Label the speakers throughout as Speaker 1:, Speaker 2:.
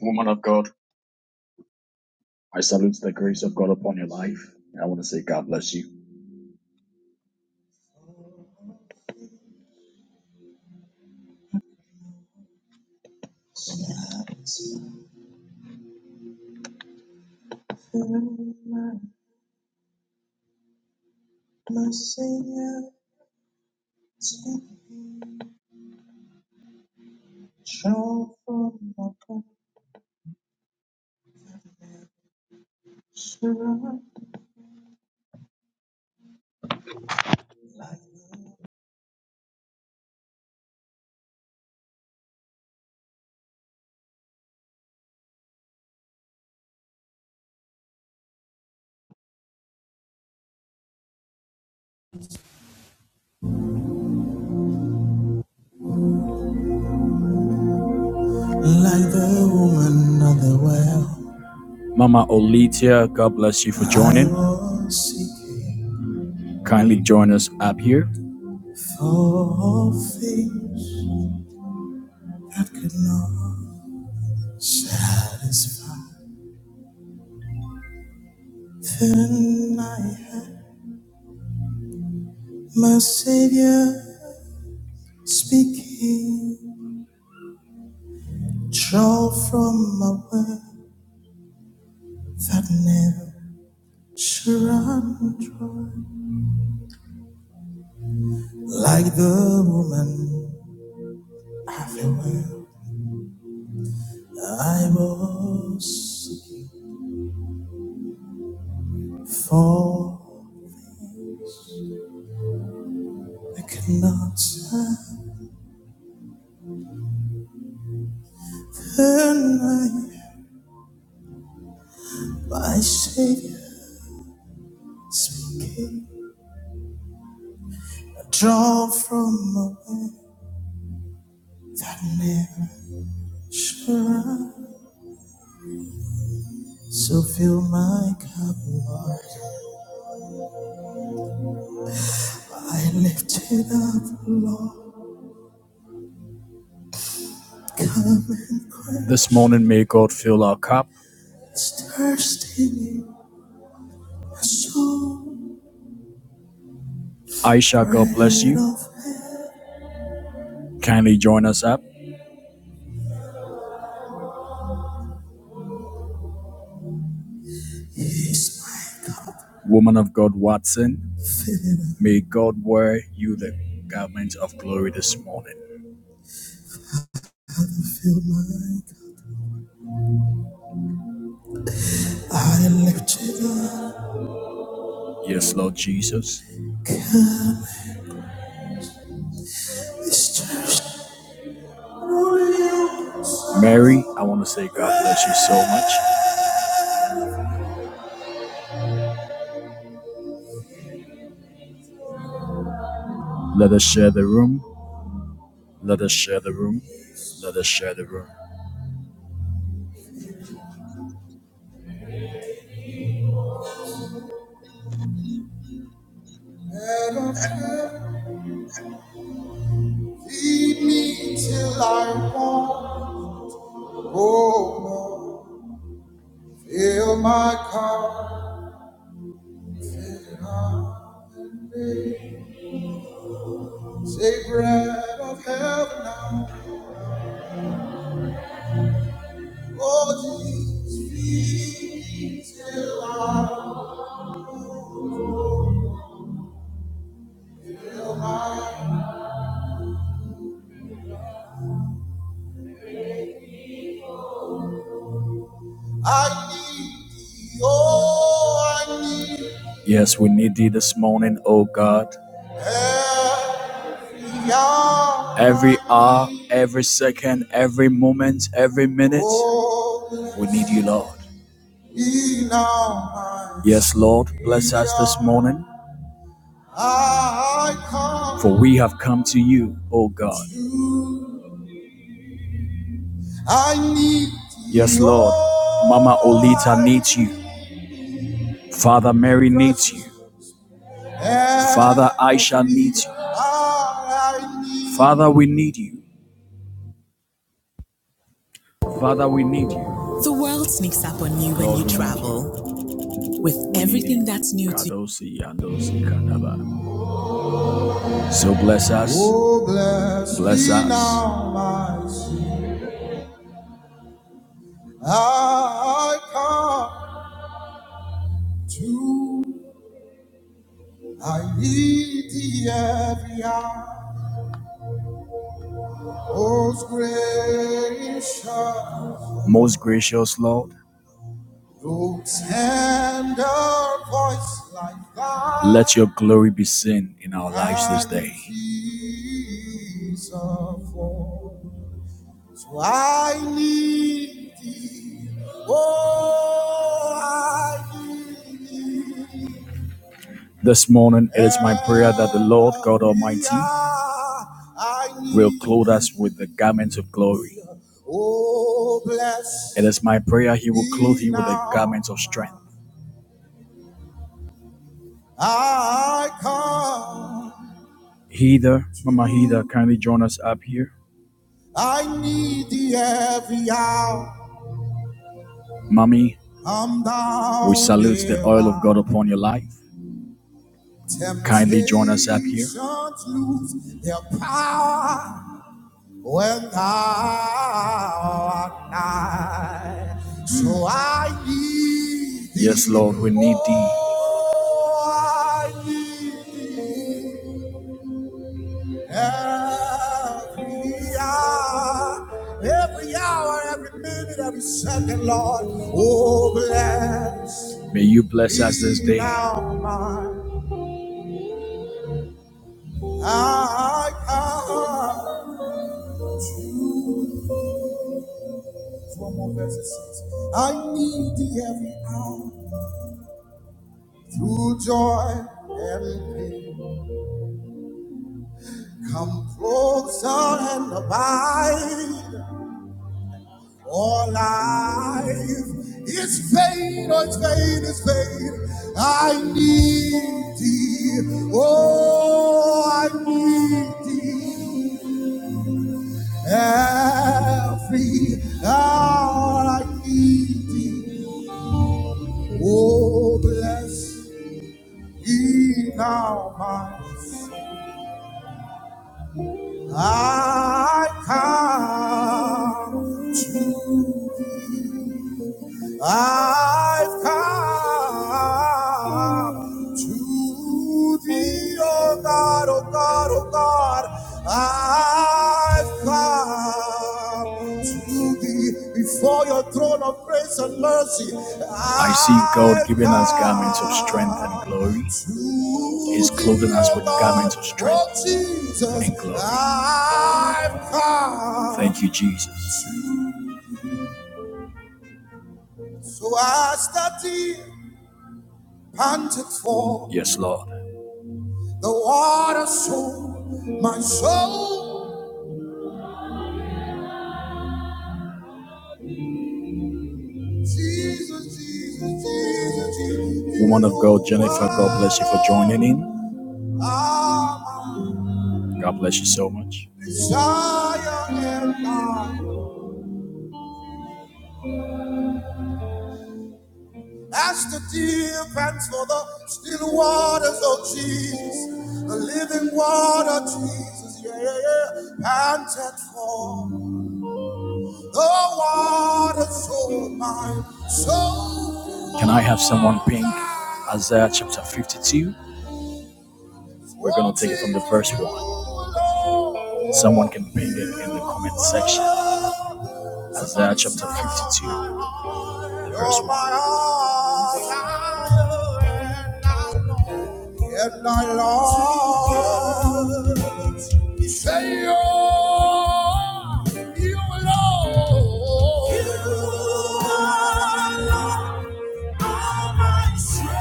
Speaker 1: Woman of God, I salute the grace of God upon your life. I want to say God bless you. Like the woman of the well. Mama Olitia, God bless you for joining. Kindly join us up here. For things that could not satisfy. Then I had my Savior. Speaking, draw from a well that never shall run dry. Like the woman at the well, I was seeking for. I could not turn my, my Savior speaking. Draw from a well that never shall run. So fill my cup, Lord. I lift it up, Lord. This morning, may God fill our cup. and thirst Aisha, God bless you. of Kindly join us up. Woman of God, Watson, may God wear you the garment of glory this morning. Yes, Lord Jesus. Mary, I want to say God bless you so much. Let us share the room. Let us share the room. Let us share the room. Hear my cause, a bread of heaven, now. oh Jesus, I need thee, oh I need thee. Yes, we need thee this morning, O God. Every hour, Every hour, every second, every moment, every minute, oh we need you, Lord. Yes, Lord, bless us this morning, for we have come to you, O God. I need you. Yes, Lord. Mama Olita Oh, needs you. Father Mary needs you. Father Aisha needs you. Father, we need you. Father, we need you. The world sneaks up on you when you travel. With everything that's new to Kadosi So bless us. Oh, bless us. I come to, I need every hour. Most gracious, Lord, Most gracious Lord, no voice like thine, let your glory be seen in our lives this day. So I need thee, oh, I need thee. This morning, it is my prayer that the Lord God Almighty will clothe us with the garments of glory. It is my prayer He will clothe you with the garments of strength. Heather, Mama Heather, kindly join us up here. Mommy, we salute the oil of God upon your life. Kindly join us up here. when thou art nigh. So I need thee. Yes, Lord, we need thee. Oh, I need thee every hour, every hour, every minute, every second, Lord. Oh, bless. May you bless us this day. Now my, I come. One more verse it says, I need thee every hour. through joy and pain. Come closer and abide. All life is vain, oh, it's vain, it's vain. I need thee, oh, I need thee. Every hour I need thee, oh, bless Thee now my soul. I come to I've come to thee, O God, O God, O God. I've come to thee before your throne of grace and mercy. I see God I've giving us garments of strength and glory. come He's to clothing thee, us thee, with oh garments of God, strength oh Jesus, and glory. I've come Thank you, Jesus. So I stand here. panted for. Yes, Lord. The water soul, my soul. Jesus, Jesus, Jesus, Jesus. Woman of God, Jennifer, God bless you for joining in. Ah, God bless you so much. my As the deer pants for the still waters of Jesus, the living water, Jesus, yeah, yeah, yeah, panted for. Can I have someone ping Isaiah chapter 52? We're gonna take it from the first one. Someone can pin it in the comment section. Isaiah chapter 52, verse 1. Yet thy Lord, he say, "Oh, you alone, you alone." All my strength.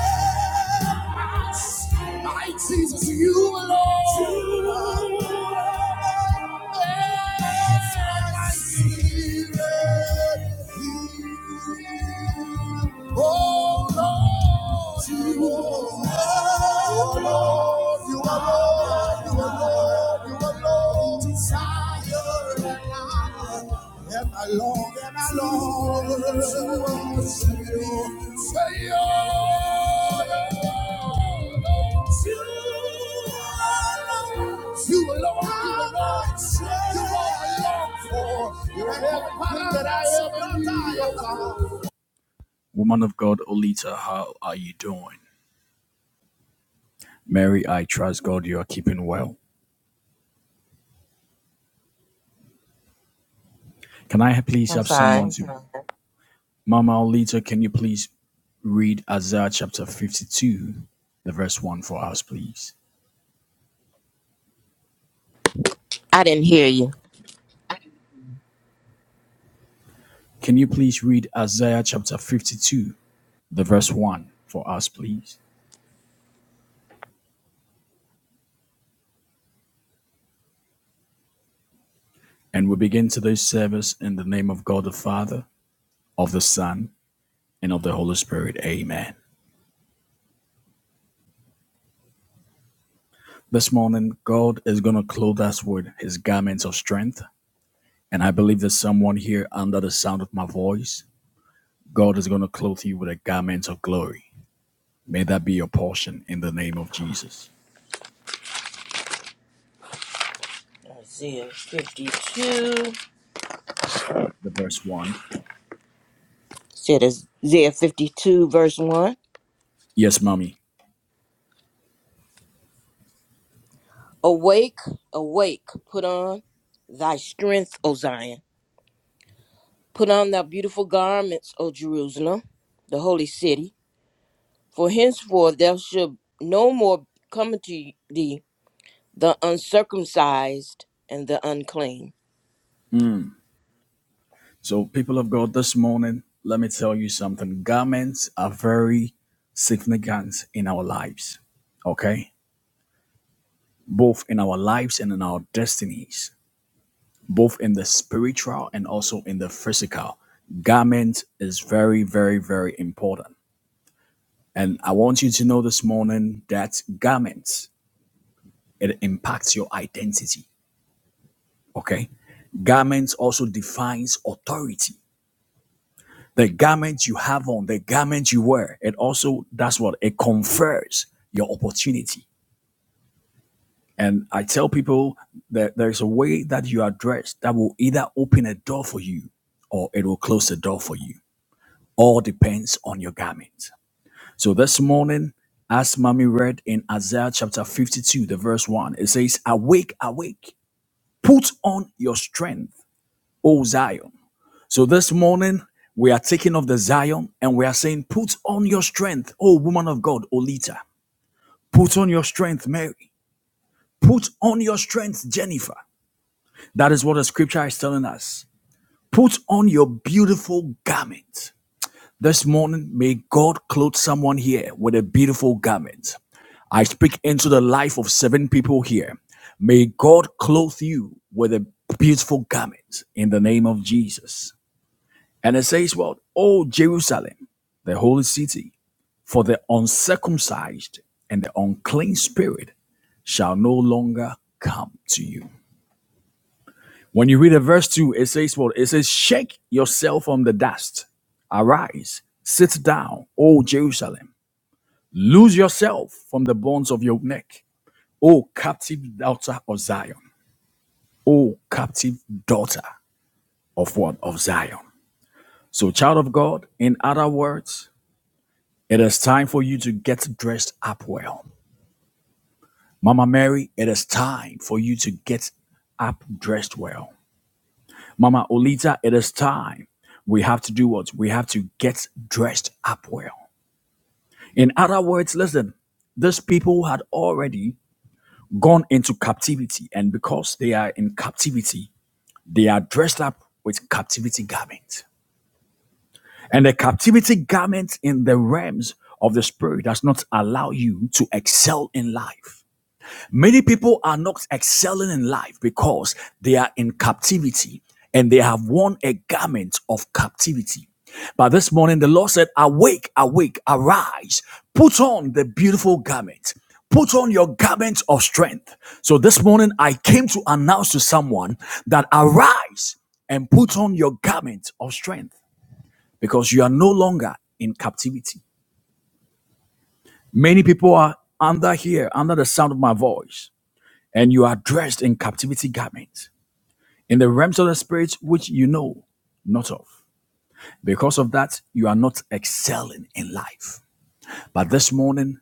Speaker 1: My Jesus, you alone. Yes, You alone. Bless my spirit. yield. Oh Lord, you alone. Oh Lord, you alone. You alone. You alone desire and I, long and I long to worship you. Say, oh, you alone, you alone, you alone for. You're everything that I ever desire. Woman of God, Olita, how are you doing? Mary, I trust God you are keeping well. Can I please
Speaker 2: I'm
Speaker 1: have someone
Speaker 2: sorry.
Speaker 1: to? Mama Olita, can you please read Isaiah chapter 52, the verse 1 for us, please?
Speaker 2: I didn't hear you.
Speaker 1: Can you please read Isaiah chapter 52, the verse 1 for us, please? And we begin today's service in the name of God the Father, of the Son, and of the Holy Spirit. Amen. This morning, God is going to clothe us with his garments of strength. And I believe there's someone here under the sound of my voice. God is going to clothe you with a garment of glory. May that be your portion in the name of Jesus.
Speaker 2: Isaiah 52.
Speaker 1: the verse 1.
Speaker 2: Said Isaiah 52, verse 1.
Speaker 1: Yes, mommy.
Speaker 2: Awake, awake, put on thy strength, O Zion. Put on thy beautiful garments, O Jerusalem, the holy city. For henceforth there shall no more come unto thee the uncircumcised and the unclean.
Speaker 1: So, people of God, this morning, let me tell you something. Garments are very significant in our lives, okay? Both in our lives and in our destinies, both in the spiritual and also in the physical. Garment is very, very, very important. And I want you to know this morning that garments, it impacts your identity, okay? Garments also defines authority The garment you have on, the garment you wear, it also, that's what it confers your opportunity. And I tell people that there's a way that you are dressed that will either open a door for you or it will close the door for you. All depends on your garment. So this morning, as Mommy read in Isaiah chapter 52, the verse 1, it says, Awake, awake, put on your strength, O Zion. So this morning, we are taking off the Zion and we are saying, Put on your strength, O woman of God, Olita. Put on your strength, Mary. Put on your strength, Jennifer. That is what the scripture is telling us. Put on your beautiful garment. This morning, may God clothe someone here with a beautiful garment. I speak into the life of seven people here. May God clothe you with a beautiful garment in the name of Jesus. And it says, Well, O Jerusalem, the holy city, for the uncircumcised and the unclean spirit shall no longer come to you. When you read the verse 2, it says, Well, it says, Shake yourself from the dust, arise, sit down, O Jerusalem, loose yourself from the bonds of your neck, O captive daughter of Zion, O captive daughter of what? Of Zion. So, child of God, in other words, It is time for you to get dressed up well. Mama Mary, it is time for you to get up dressed well. Mama Olita, it is time. We have to do what? We have to get dressed up well. In other words, listen, these people had already gone into captivity, and because they are in captivity, they are dressed up with captivity garments. And the captivity garment in the realms of the spirit does not allow you to excel in life. Many people are not excelling in life because they are in captivity and they have worn a garment of captivity. But this morning, the Lord said, Awake, awake, arise, put on the beautiful garment. Put on your garment of strength. So this morning, I came to announce to someone that arise and put on your garment of strength because you are no longer in captivity. Many people are under here, under the sound of my voice and you are dressed in captivity garments, in the realms of the spirit which you know not of. Because of that, you are not excelling in life. But this morning,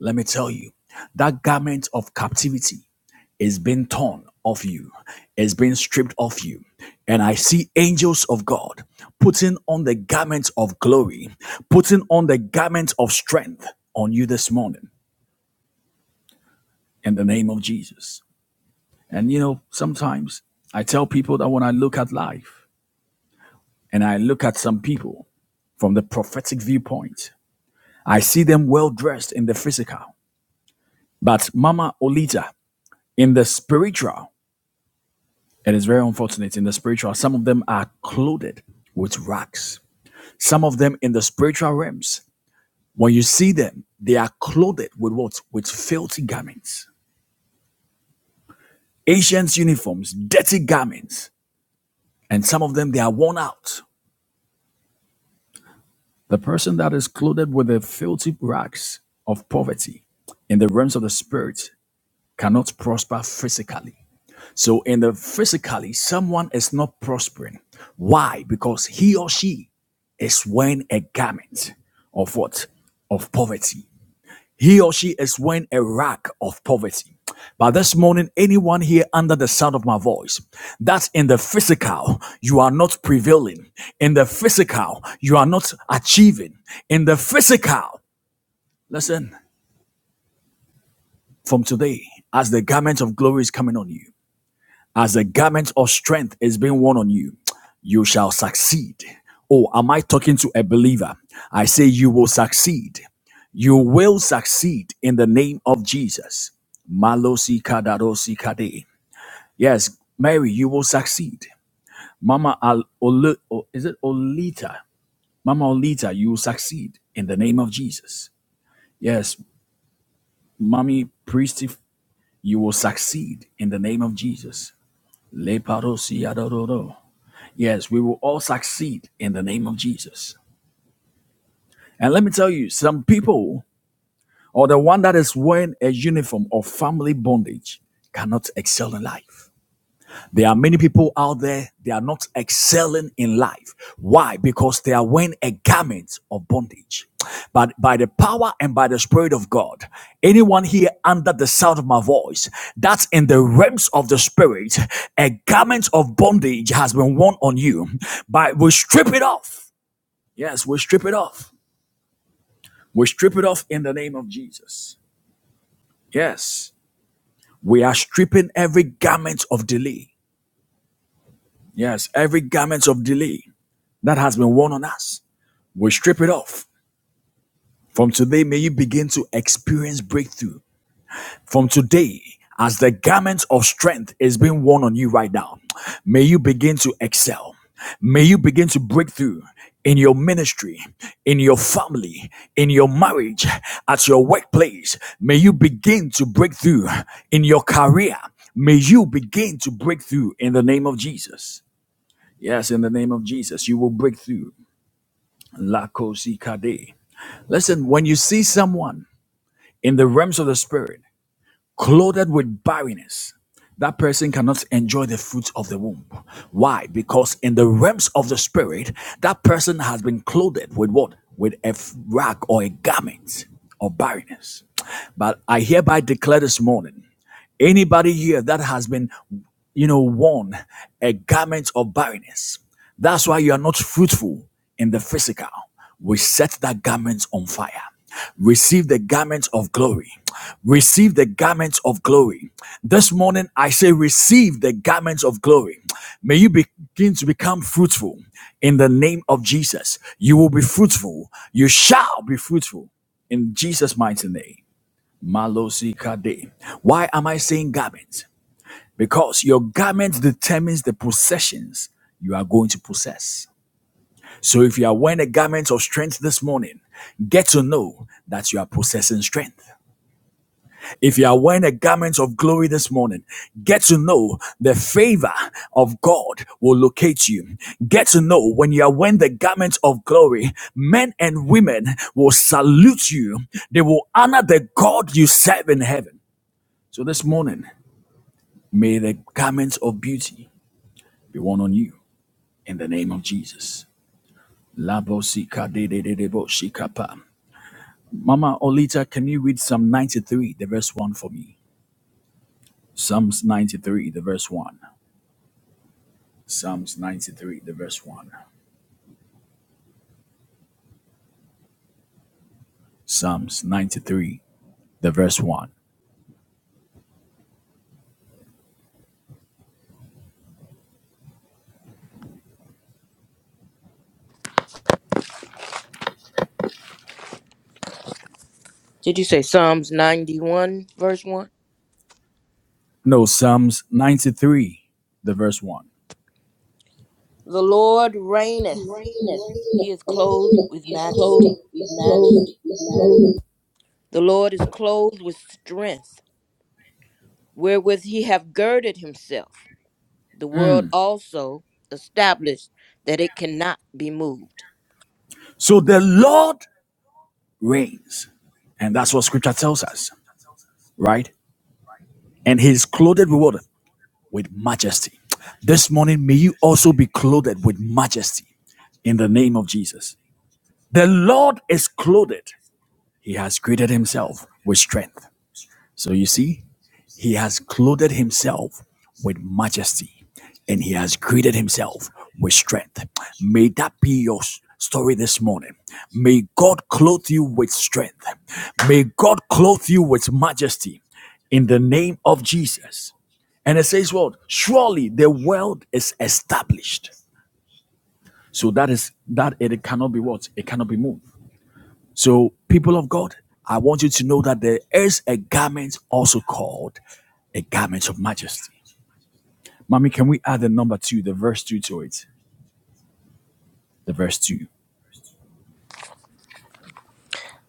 Speaker 1: let me tell you that garment of captivity is being torn off you, is being stripped off you. And I see angels of God putting on the garment of glory, putting on the garment of strength on you this morning in the name of Jesus. And you know, sometimes I tell people that when I look at life, and I look at some people from the prophetic viewpoint, I see them well dressed in the physical. But Mama Olita, in the spiritual, it is very unfortunate in the spiritual, some of them are clothed with rags. Some of them in the spiritual realms, when you see them, they are clothed with what? With filthy garments, Asians' uniforms, dirty garments, and some of them they are worn out. The person that is clothed with the filthy rags of poverty in the realms of the spirit cannot prosper physically. So, in the physically, someone is not prospering. Why? Because he or she is wearing a garment of what? Of poverty. He or she is wearing a rag of poverty. But this morning, anyone here under the sound of my voice, that in the physical, you are not prevailing. In the physical, you are not achieving. In the physical, listen, from today, as the garment of glory is coming on you, as a garment of strength is being worn on you, you shall succeed. Oh, am I talking to a believer? I say you will succeed. You will succeed in the name of Jesus. Malosi kadarosi kade. Yes, Mary, you will succeed. Mama Al- Ol- O- is it Olita? Mama Olita, you will succeed in the name of Jesus. Yes, Mommy Priest, you will succeed in the name of Jesus. Le parosi Yes, we will all succeed in the name of Jesus. And let me tell you, some people or the one that is wearing a uniform of family bondage cannot excel in life. There are many people out there, they are not excelling in life. Why? Because they are wearing a garment of bondage. But by the power and by the Spirit of God, anyone here under the sound of my voice, that's in the realms of the Spirit, a garment of bondage has been worn on you. But we strip it off Yes, we strip it off. We strip it off in the name of Jesus. Yes, we are stripping every garment of delay. Yes, every garment of delay that has been worn on us. We strip it off. From today, may you begin to experience breakthrough. from today as the garment of strength is being worn on you right now may you begin to excel may you begin to break through in your ministry in your family in your marriage at your workplace may you begin to break through in your career may you begin to break through in the name of jesus yes in the name of jesus you will break through La Listen, when you see someone in the realms of the spirit clothed with barrenness, that person cannot enjoy the fruits of the womb. Why? Because in the realms of the spirit, that person has been clothed with what? With a rag or a garment of barrenness. But I hereby declare this morning Anybody here that has been, you know, worn a garment of barrenness, that's why you are not fruitful in the physical. We set that garment on fire. Receive the garment of glory. Receive the garment of glory. This morning I say, receive the garment of glory. May you begin to become fruitful in the name of Jesus. You will be fruitful. You shall be fruitful in Jesus' mighty name. Malosikade. Why am I saying garments? Because your garment determines the possessions you are going to possess. So if you are wearing a garment of strength this morning, get to know that you are possessing strength. If you are wearing a garment of glory this morning, get to know the favor of God will locate you. Get to know when you are wearing the garment of glory, men and women will salute you. They will honor the God you serve in heaven. So this morning, May the garments of beauty be worn on you in the name of Jesus. Labo de de de de bo shika Mama Olita, can you read Psalm 93, the verse 1 for me? Psalms 93, the verse 1. Psalms 93, the verse 1. Psalms 93, the verse 1.
Speaker 2: Did you say Psalms 91, verse 1?
Speaker 1: No, Psalms 93, the verse 1.
Speaker 2: The Lord reigneth,
Speaker 1: Reigneth
Speaker 2: he is clothed with
Speaker 1: is
Speaker 2: majesty.
Speaker 1: clothed with majesty.
Speaker 2: The Lord is clothed with strength, wherewith he hath girded himself. The world also established that it cannot be moved.
Speaker 1: So the Lord reigns. And that's what scripture tells us. right? And he's clothed with what? With majesty. This morning, may you also be clothed with majesty in the name of Jesus. The Lord is clothed. He has created himself with strength. So you see, he has clothed himself with majesty and he has created himself with strength. May that be your story this morning. May God clothe you with strength. May God clothe you with majesty in the name of Jesus. And it says what? Surely the world is established. So that is that it cannot be what? It cannot be moved. So people of God, I want you to know that there is a garment also called a garment of majesty. Mommy, can we add the number two, the verse two to it? The verse two.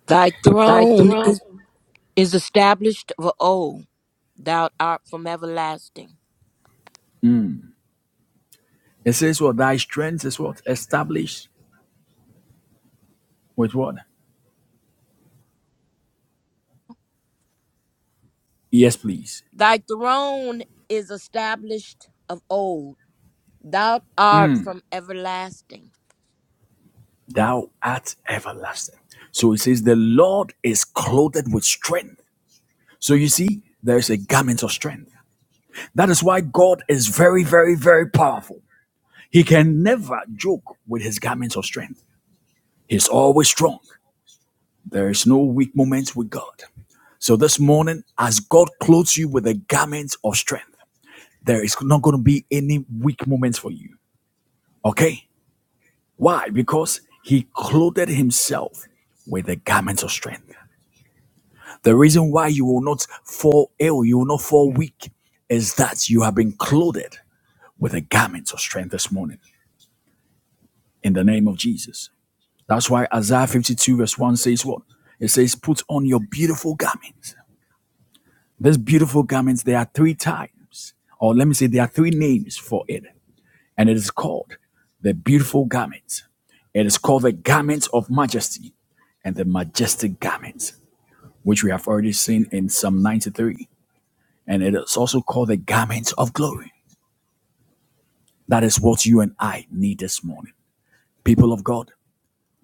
Speaker 2: Thy
Speaker 1: Thy
Speaker 2: throne
Speaker 1: throne,
Speaker 2: is, is established of old. Thou art from everlasting.
Speaker 1: It says what? Thy strength is what? Established with what? Yes, please.
Speaker 2: Thy throne is established of old. Thou art from everlasting.
Speaker 1: Thou art everlasting. So it says the Lord is clothed with strength So you see, there's a garment of strength. That is why God is very, very, very powerful. He can never joke with his garments of strength. He's always strong. There is no weak moments with God. So this morning, as God clothes you with a garment of strength, there is not going to be any weak moments for you. Okay? Why? Because he clothed himself with a garment of strength. The reason why you will not fall ill, you will not fall weak, is that you have been clothed. with the garments of strength this morning in the name of Jesus. That's why Isaiah 52, verse 1 says what? It says, Put on your beautiful garments. These beautiful garments, there are three times, or let me say, there are three names for it. And it is called the beautiful garments. It is called the garments of majesty and the majestic garments, which we have already seen in Psalm 93. And it is also called the garments of glory. That is what you and I need this morning. People of God,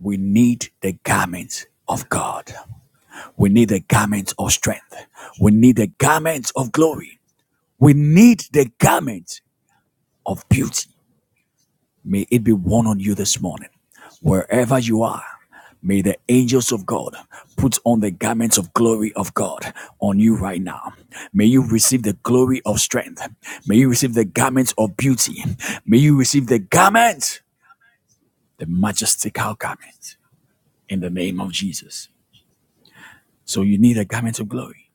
Speaker 1: We need the garments of God. We need the garments of strength. We need the garments of glory. We need the garments of beauty. May it be worn on you this morning. Wherever you are, may the angels of God put on the garments of glory of God on you right now. May you receive the glory of strength. May you receive the garments of beauty. May you receive the garments, the majestical garments in the name of Jesus. So you need a garment of glory.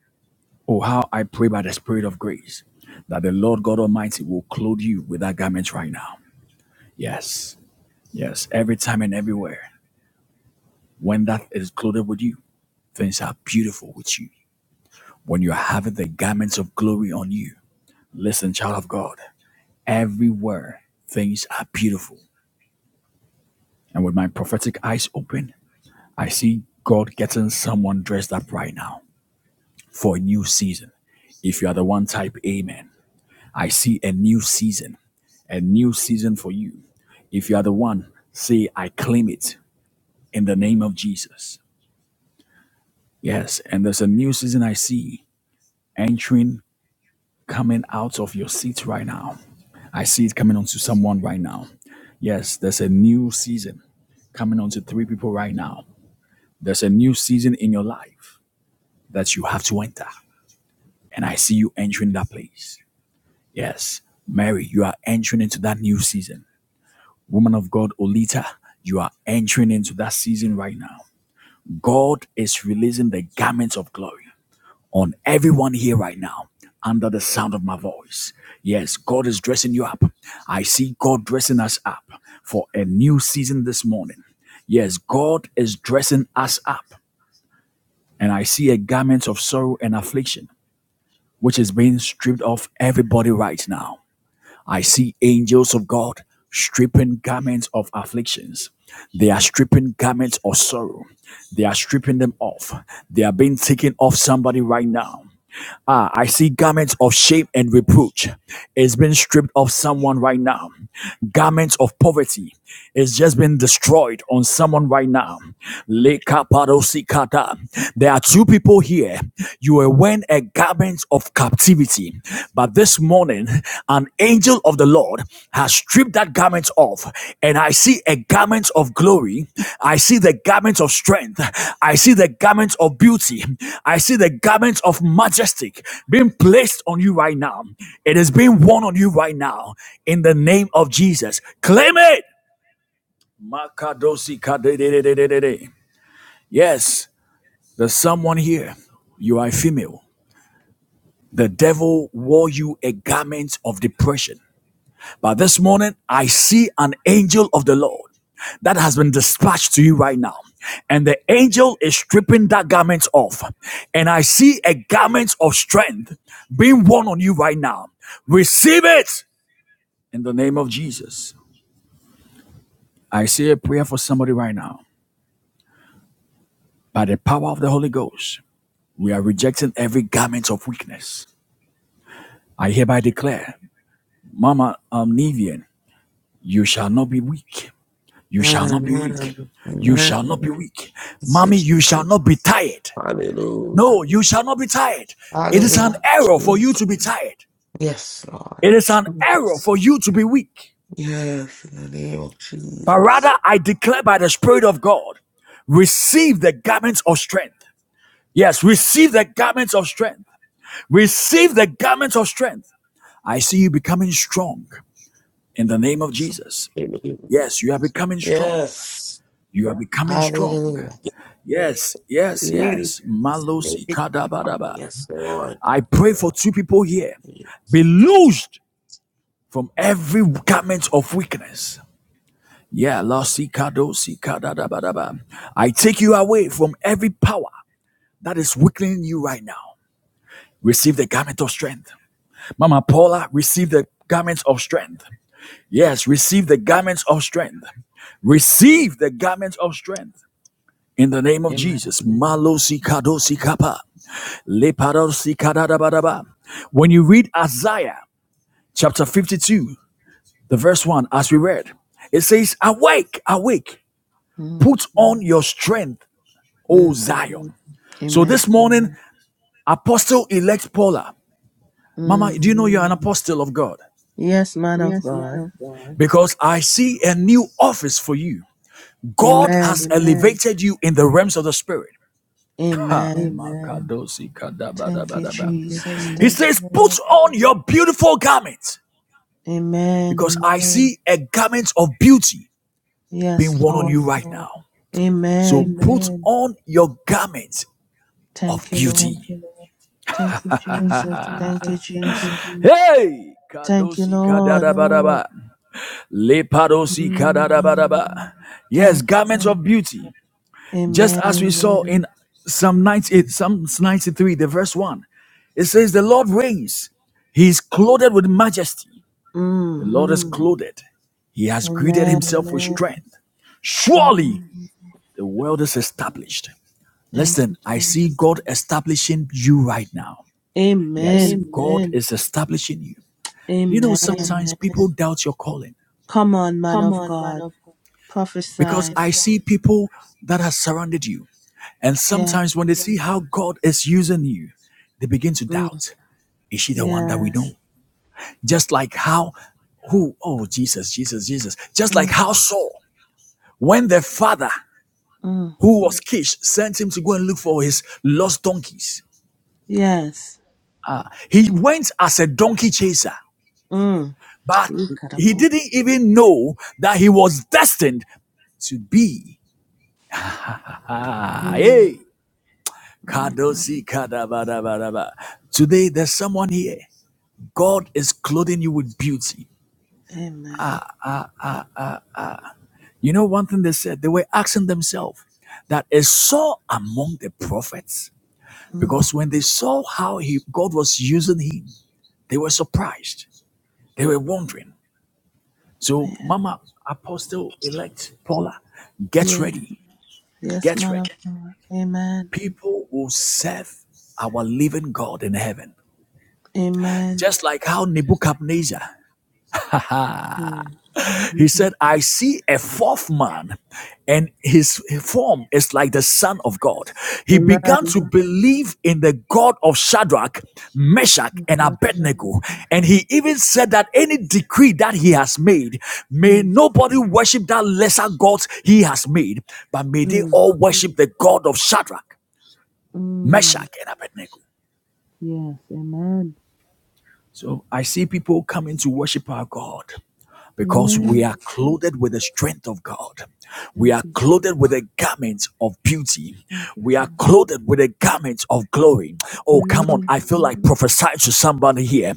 Speaker 1: Oh, how I pray by the Spirit of grace that the Lord God Almighty will clothe you with that garment right now. Yes, yes, every time and everywhere. When that is clothed with you, things are beautiful with you. When you're having the garments of glory on you, listen, child of God, everywhere things are beautiful. And with my prophetic eyes open, I see God getting someone dressed up right now for a new season. If you are the one type, amen. I see a new season. a new season for you. If you are the one, say, I claim it in the name of Jesus. Yes, and there's a new season I see entering, coming out of your seat right now. I see it coming onto someone right now. Yes, there's a new season coming onto three people right now. There's a new season in your life that you have to enter. And I see you entering that place. Yes, Mary, you are entering into that new season. Woman of God, Olita, you are entering into that season right now. God is releasing the garments of glory on everyone here right now under the sound of my voice. Yes, God is dressing you up. I see God dressing us up for a new season this morning. Yes, God is dressing us up. And I see a garment of sorrow and affliction, which is being stripped off everybody right now I see angels of God stripping garments of afflictions. They are stripping garments of sorrow. They are stripping them off. They are being taken off somebody right now. Ah, I see garments of shame and reproach. It's been stripped of someone right now. Garments of poverty. It's just been destroyed on someone right now. Lekaparosikata. There are two people here. You were wearing a garment of captivity, but this morning, an angel of the Lord has stripped that garment off off and I see a garment of glory. I see the garment of strength. I see the garment of beauty. I see the garment of majestic being placed on you right now. It is being worn on you right now in the name of Jesus. Claim it. Makadosi kadededededede. Yes, there's someone here. You are a female. The devil wore you a garment of depression. But this morning, I see an angel of the Lord that has been dispatched to you right now. And the angel is stripping that garment off. And I see a garment of strength being worn on you right now. Receive it in the name of Jesus. I say a prayer for somebody right now. By the power of the Holy Ghost, we are rejecting every garment of weakness. I hereby declare, Mama um, Nivian, you shall not be weak. You shall not be
Speaker 3: Amen.
Speaker 1: weak. You shall
Speaker 3: Amen.
Speaker 1: not be weak. Mommy,
Speaker 3: Thank you,
Speaker 1: you
Speaker 3: Jesus.
Speaker 1: shall not be tired.
Speaker 3: Hallelujah.
Speaker 1: No, you shall not be tired. It is
Speaker 3: Hallelujah.
Speaker 1: an error for you
Speaker 3: Jesus.
Speaker 1: to be tired.
Speaker 3: Yes, Lord.
Speaker 1: It is an error
Speaker 3: Jesus.
Speaker 1: for you to be weak.
Speaker 3: Yes, in the name of
Speaker 1: But rather,
Speaker 3: Jesus.
Speaker 1: I declare by the Spirit of God, receive the garments of strength. Yes, receive the garments of strength. Receive the garments of strength. I see you becoming strong in the name of
Speaker 3: So,
Speaker 1: Jesus.
Speaker 3: hallelujah.
Speaker 1: Yes, you are becoming strong.
Speaker 3: Yes.
Speaker 1: You are becoming strong.
Speaker 3: Hallelujah.
Speaker 1: Yes, yes,
Speaker 3: Really.
Speaker 1: yes. Malos
Speaker 3: really.
Speaker 1: ikadabadaba.
Speaker 3: Yes, Lord.
Speaker 1: I pray for two people here. Be loosed from every garment of weakness. Yeah, Los ikado sikadadabadaba. I take you away from every power that is weakening you right now. Receive the garment of strength. Mama Paula, receive the garment of strength. Yes, receive the garments of strength. Receive the garments of strength in the name of
Speaker 4: Amen.
Speaker 1: Jesus. Malosi Malos Leparosikadadabadaba. When you read Isaiah chapter 52, the verse 1, as we read, it says, Awake, awake,
Speaker 4: Mm,
Speaker 1: put on your strength, O
Speaker 4: mm,
Speaker 1: Zion. So
Speaker 4: amen.
Speaker 1: this morning, Apostle elect Paula, Mama, do you
Speaker 4: Mm.
Speaker 1: know you're an apostle of God?
Speaker 4: Yes, man of
Speaker 1: Yes, man
Speaker 4: God.
Speaker 1: of God. Because I see a new office for you. God
Speaker 4: Amen.
Speaker 1: has Amen. elevated you in the realms of the spirit. Ha, Amen.
Speaker 4: Amen. Thank you, Jesus.
Speaker 1: He
Speaker 4: Thank
Speaker 1: says,
Speaker 4: you,
Speaker 1: Put
Speaker 4: Lord.
Speaker 1: on your beautiful garments."
Speaker 4: Amen.
Speaker 1: because Amen. I see a garment of beauty
Speaker 4: Yes,
Speaker 1: being worn yes. on
Speaker 4: Lord.
Speaker 1: you Yes, right now. So
Speaker 4: Amen.
Speaker 1: Amen. put on your garment of
Speaker 4: Thank you,
Speaker 1: beauty.
Speaker 4: Lord.
Speaker 1: you,
Speaker 4: Thank you, Jesus. Thank you, Jesus.
Speaker 1: Hey,
Speaker 4: Thank you,
Speaker 1: kadosi
Speaker 4: Lord.
Speaker 1: kadada baraba lepadosi kadada
Speaker 4: Mm.
Speaker 1: baraba. Yes,
Speaker 4: Thank you,
Speaker 1: garments of
Speaker 4: Father.
Speaker 1: beauty, just as
Speaker 4: Amen.
Speaker 1: we saw in Psalm 98, Psalm 93, the verse 1. It says, The Lord reigns, He is clothed with majesty. The
Speaker 4: Mm.
Speaker 1: Lord is Mm. clothed, He has girded
Speaker 4: Amen.
Speaker 1: Himself with strength. Surely
Speaker 4: Mm.
Speaker 1: The world is established.
Speaker 4: Thank
Speaker 1: Listen,
Speaker 4: you,
Speaker 1: I
Speaker 4: Jesus.
Speaker 1: see God establishing you right now. Yes,
Speaker 4: Amen.
Speaker 1: Amen. God is establishing you. Do you know
Speaker 4: Amen.
Speaker 1: sometimes Amen. people doubt your calling?
Speaker 4: Come on, man
Speaker 1: Come
Speaker 4: of
Speaker 1: on, man
Speaker 4: God.
Speaker 1: of God. Because Yes, I
Speaker 4: Prophesy.
Speaker 1: see people that have surrounded you. And
Speaker 4: Yeah.
Speaker 1: sometimes when they Yes, see how God is using you, they begin to
Speaker 4: Mm.
Speaker 1: doubt. Is she the one that we
Speaker 4: Yes.
Speaker 1: know? Just like how, who, oh, Jesus, Jesus, Jesus. Just like
Speaker 4: Mm.
Speaker 1: how Saul, when the father
Speaker 4: Mm.
Speaker 1: who was Kish sent him to go and look for his lost donkeys,
Speaker 4: Yes.
Speaker 1: He went as a donkey chaser,
Speaker 4: Mm.
Speaker 1: but he
Speaker 4: Incredible.
Speaker 1: didn't even know that he was destined to be. Ah,
Speaker 4: Mm.
Speaker 1: hey.
Speaker 4: My God.
Speaker 1: Kadosi kadabarabaraba. Today, there's someone here. God is clothing you with beauty.
Speaker 4: Amen.
Speaker 1: You know, one thing they said, they were asking themselves that is Saul among the prophets?
Speaker 4: Mm.
Speaker 1: Because when they saw how he, God was using him, they were surprised. They were wondering. So,
Speaker 4: Yeah.
Speaker 1: Mama, Apostle elect Paula, get
Speaker 4: Yes.
Speaker 1: ready
Speaker 4: Yes,
Speaker 1: Get
Speaker 4: man of
Speaker 1: ready.
Speaker 4: God. Amen.
Speaker 1: People will serve our living God in heaven.
Speaker 4: Amen.
Speaker 1: Just like how Nebuchadnezzar,
Speaker 4: Mm.
Speaker 1: he
Speaker 4: Mm-mm.
Speaker 1: said, I see a fourth man, and his form is like the Son of God. He began
Speaker 4: Amen.
Speaker 1: to believe in the God of Shadrach, Meshach,
Speaker 4: Yes,
Speaker 1: and
Speaker 4: yes, yes, yes,
Speaker 1: Abednego. And
Speaker 4: God.
Speaker 1: he even said that any decree that he has made, may
Speaker 4: Mm.
Speaker 1: nobody worship that lesser God he has made, but may they
Speaker 4: Mm.
Speaker 1: all worship the God of Shadrach,
Speaker 4: Mm.
Speaker 1: Meshach, and Abednego.
Speaker 4: Yes. Amen.
Speaker 1: So I see people coming to worship our God because we
Speaker 4: Amen.
Speaker 1: are clothed with the strength of God. We
Speaker 4: Thank
Speaker 1: are
Speaker 4: you.
Speaker 1: clothed with the garments of beauty.
Speaker 4: Thank you,
Speaker 1: We are
Speaker 4: Father.
Speaker 1: clothed with the garments of glory. Oh, come on.
Speaker 4: Amen.
Speaker 1: I feel like prophesying to somebody here.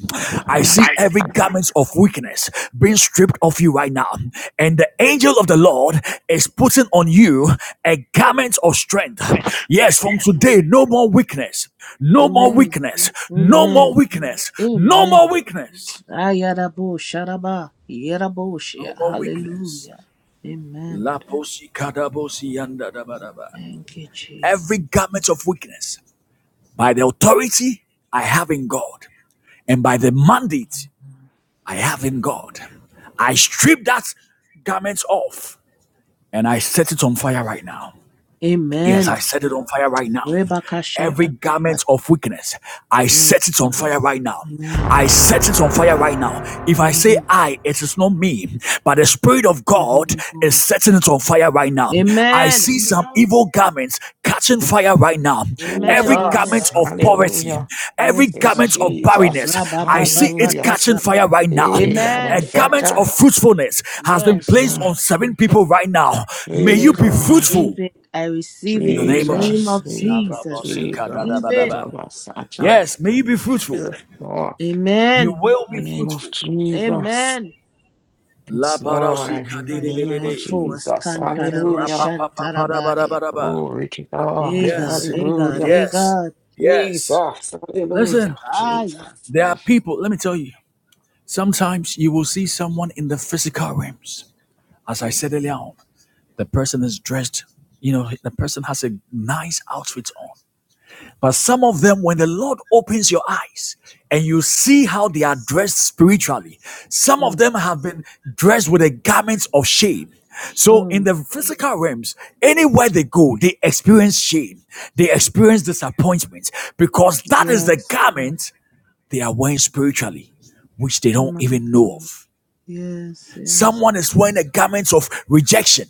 Speaker 1: I see every garment of weakness being stripped off you right now. And the angel of the Lord is putting on you a garment of strength. Yes, from
Speaker 4: Amen.
Speaker 1: today, no more weakness. No more
Speaker 4: Amen.
Speaker 1: weakness. No more
Speaker 4: Amen.
Speaker 1: weakness. No
Speaker 4: Amen.
Speaker 1: more weakness.
Speaker 4: Ayarabo Sharaba Yeraboshia.
Speaker 1: No more weakness.
Speaker 4: Hallelujah. Amen.
Speaker 1: Laposi kadabosi yanda da ba da ba.
Speaker 4: Thank you, Jesus.
Speaker 1: Every garment of weakness, by the authority I have in God, and by the mandate I have in God, I strip that garment off and I set it on fire right now. Yes, I
Speaker 4: Amen.
Speaker 1: set it on fire right now.
Speaker 4: Rebecca
Speaker 1: Every
Speaker 4: Shatta.
Speaker 1: garment of weakness, I
Speaker 4: Yes,
Speaker 1: set it on
Speaker 4: God.
Speaker 1: fire right now.
Speaker 4: Amen.
Speaker 1: I set it on fire right now. If I say
Speaker 4: Amen.
Speaker 1: I, it is not me, but the Spirit of
Speaker 4: The
Speaker 1: God
Speaker 4: Holy
Speaker 1: is
Speaker 4: Ghost.
Speaker 1: setting it on fire right now. I
Speaker 4: Amen.
Speaker 1: see some evil garments catching fire right now. Every
Speaker 4: Amen. Amen.
Speaker 3: Jesus.
Speaker 1: garment of poverty,
Speaker 3: Hallelujah.
Speaker 1: every
Speaker 4: Yes,
Speaker 3: Yes,
Speaker 4: God.
Speaker 1: garment of barrenness,
Speaker 3: Jesus.
Speaker 4: Rabba
Speaker 1: I see
Speaker 4: Baba
Speaker 1: it
Speaker 3: Hallelujah.
Speaker 1: catching
Speaker 4: Tata.
Speaker 1: fire right now.
Speaker 3: Hey, Baba
Speaker 1: A
Speaker 4: Amen.
Speaker 1: garment
Speaker 3: Santa.
Speaker 1: of fruitfulness has been
Speaker 4: Yes,
Speaker 3: Yes,
Speaker 1: placed
Speaker 4: God.
Speaker 3: Lord.
Speaker 1: on seven people right now. May
Speaker 3: Hey,
Speaker 1: you
Speaker 4: Amen. I
Speaker 1: be
Speaker 3: God.
Speaker 4: receive
Speaker 1: fruitful.
Speaker 4: it. I receive
Speaker 1: In
Speaker 4: it
Speaker 1: the
Speaker 4: in the
Speaker 1: name of
Speaker 4: name
Speaker 3: Jesus,
Speaker 4: of
Speaker 1: Jesus.
Speaker 3: Jesus,
Speaker 4: Jesus. I
Speaker 3: Jesus,
Speaker 4: receive it.
Speaker 3: Baba Sacha,
Speaker 1: Yes, may you be fruitful.
Speaker 3: yes, Lord,
Speaker 1: You
Speaker 4: Amen.
Speaker 1: will
Speaker 3: in
Speaker 1: be
Speaker 3: the name of
Speaker 1: fruitful.
Speaker 3: Jesus,
Speaker 4: Amen.
Speaker 3: it's Lord, in the
Speaker 4: Fire
Speaker 3: name
Speaker 4: by
Speaker 3: of
Speaker 4: force,
Speaker 3: Jesus,
Speaker 4: Kantaraba
Speaker 3: hallelujah,
Speaker 4: Shantarabaya.
Speaker 3: glory to God,
Speaker 4: Hey God,
Speaker 1: Yes,
Speaker 4: hey God,
Speaker 3: hallelujah,
Speaker 4: hey
Speaker 1: yes,
Speaker 4: God.
Speaker 1: yes.
Speaker 3: Jesus, hallelujah,
Speaker 1: Listen,
Speaker 4: Messiah.
Speaker 3: Jesus,
Speaker 1: there are people, let me tell you, sometimes you will see someone in the physical realms. As I
Speaker 4: Mm,
Speaker 1: said earlier on, the person is dressed, you know, the person has a nice outfit on. But some of them, when the Lord opens your eyes and you see how they are dressed spiritually, some of
Speaker 4: mm,
Speaker 1: them have been dressed with the garments of shame. So in
Speaker 4: mm.
Speaker 1: the physical realms, anywhere they go, they experience shame, they experience disappointment because that is the
Speaker 4: Yes,
Speaker 1: garment they are wearing spiritually, which they don't
Speaker 4: my
Speaker 1: even know
Speaker 4: God.
Speaker 1: of.
Speaker 4: Yes, yes.
Speaker 1: Someone is wearing the garments of rejection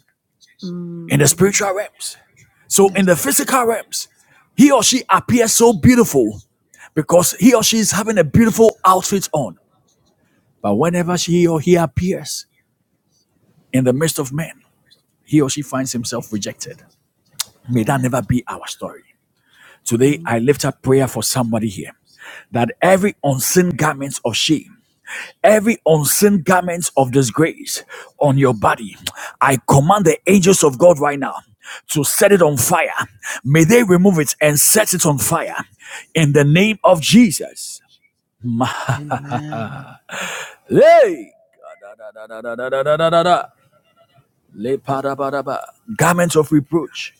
Speaker 1: in the
Speaker 4: Mm,
Speaker 1: spiritual realms. So in
Speaker 4: yes,
Speaker 1: the physical realms, he or she appears so beautiful because he or she is having a beautiful outfit on. But whenever she or he appears in the midst of men, he or she finds himself rejected. May that
Speaker 4: yes.
Speaker 1: never be our story. Today,
Speaker 4: Mm.
Speaker 1: I lift up prayer for somebody here that every unseen garment of shame, every unseen garment of disgrace on your body, I command the angels of God right now to set it on fire. May they remove it and set it on fire in the name of Jesus.
Speaker 4: Amen.
Speaker 1: Hey! Da, da, da, da, da, da, da, da, da, Le parabadaba. Garment of reproach.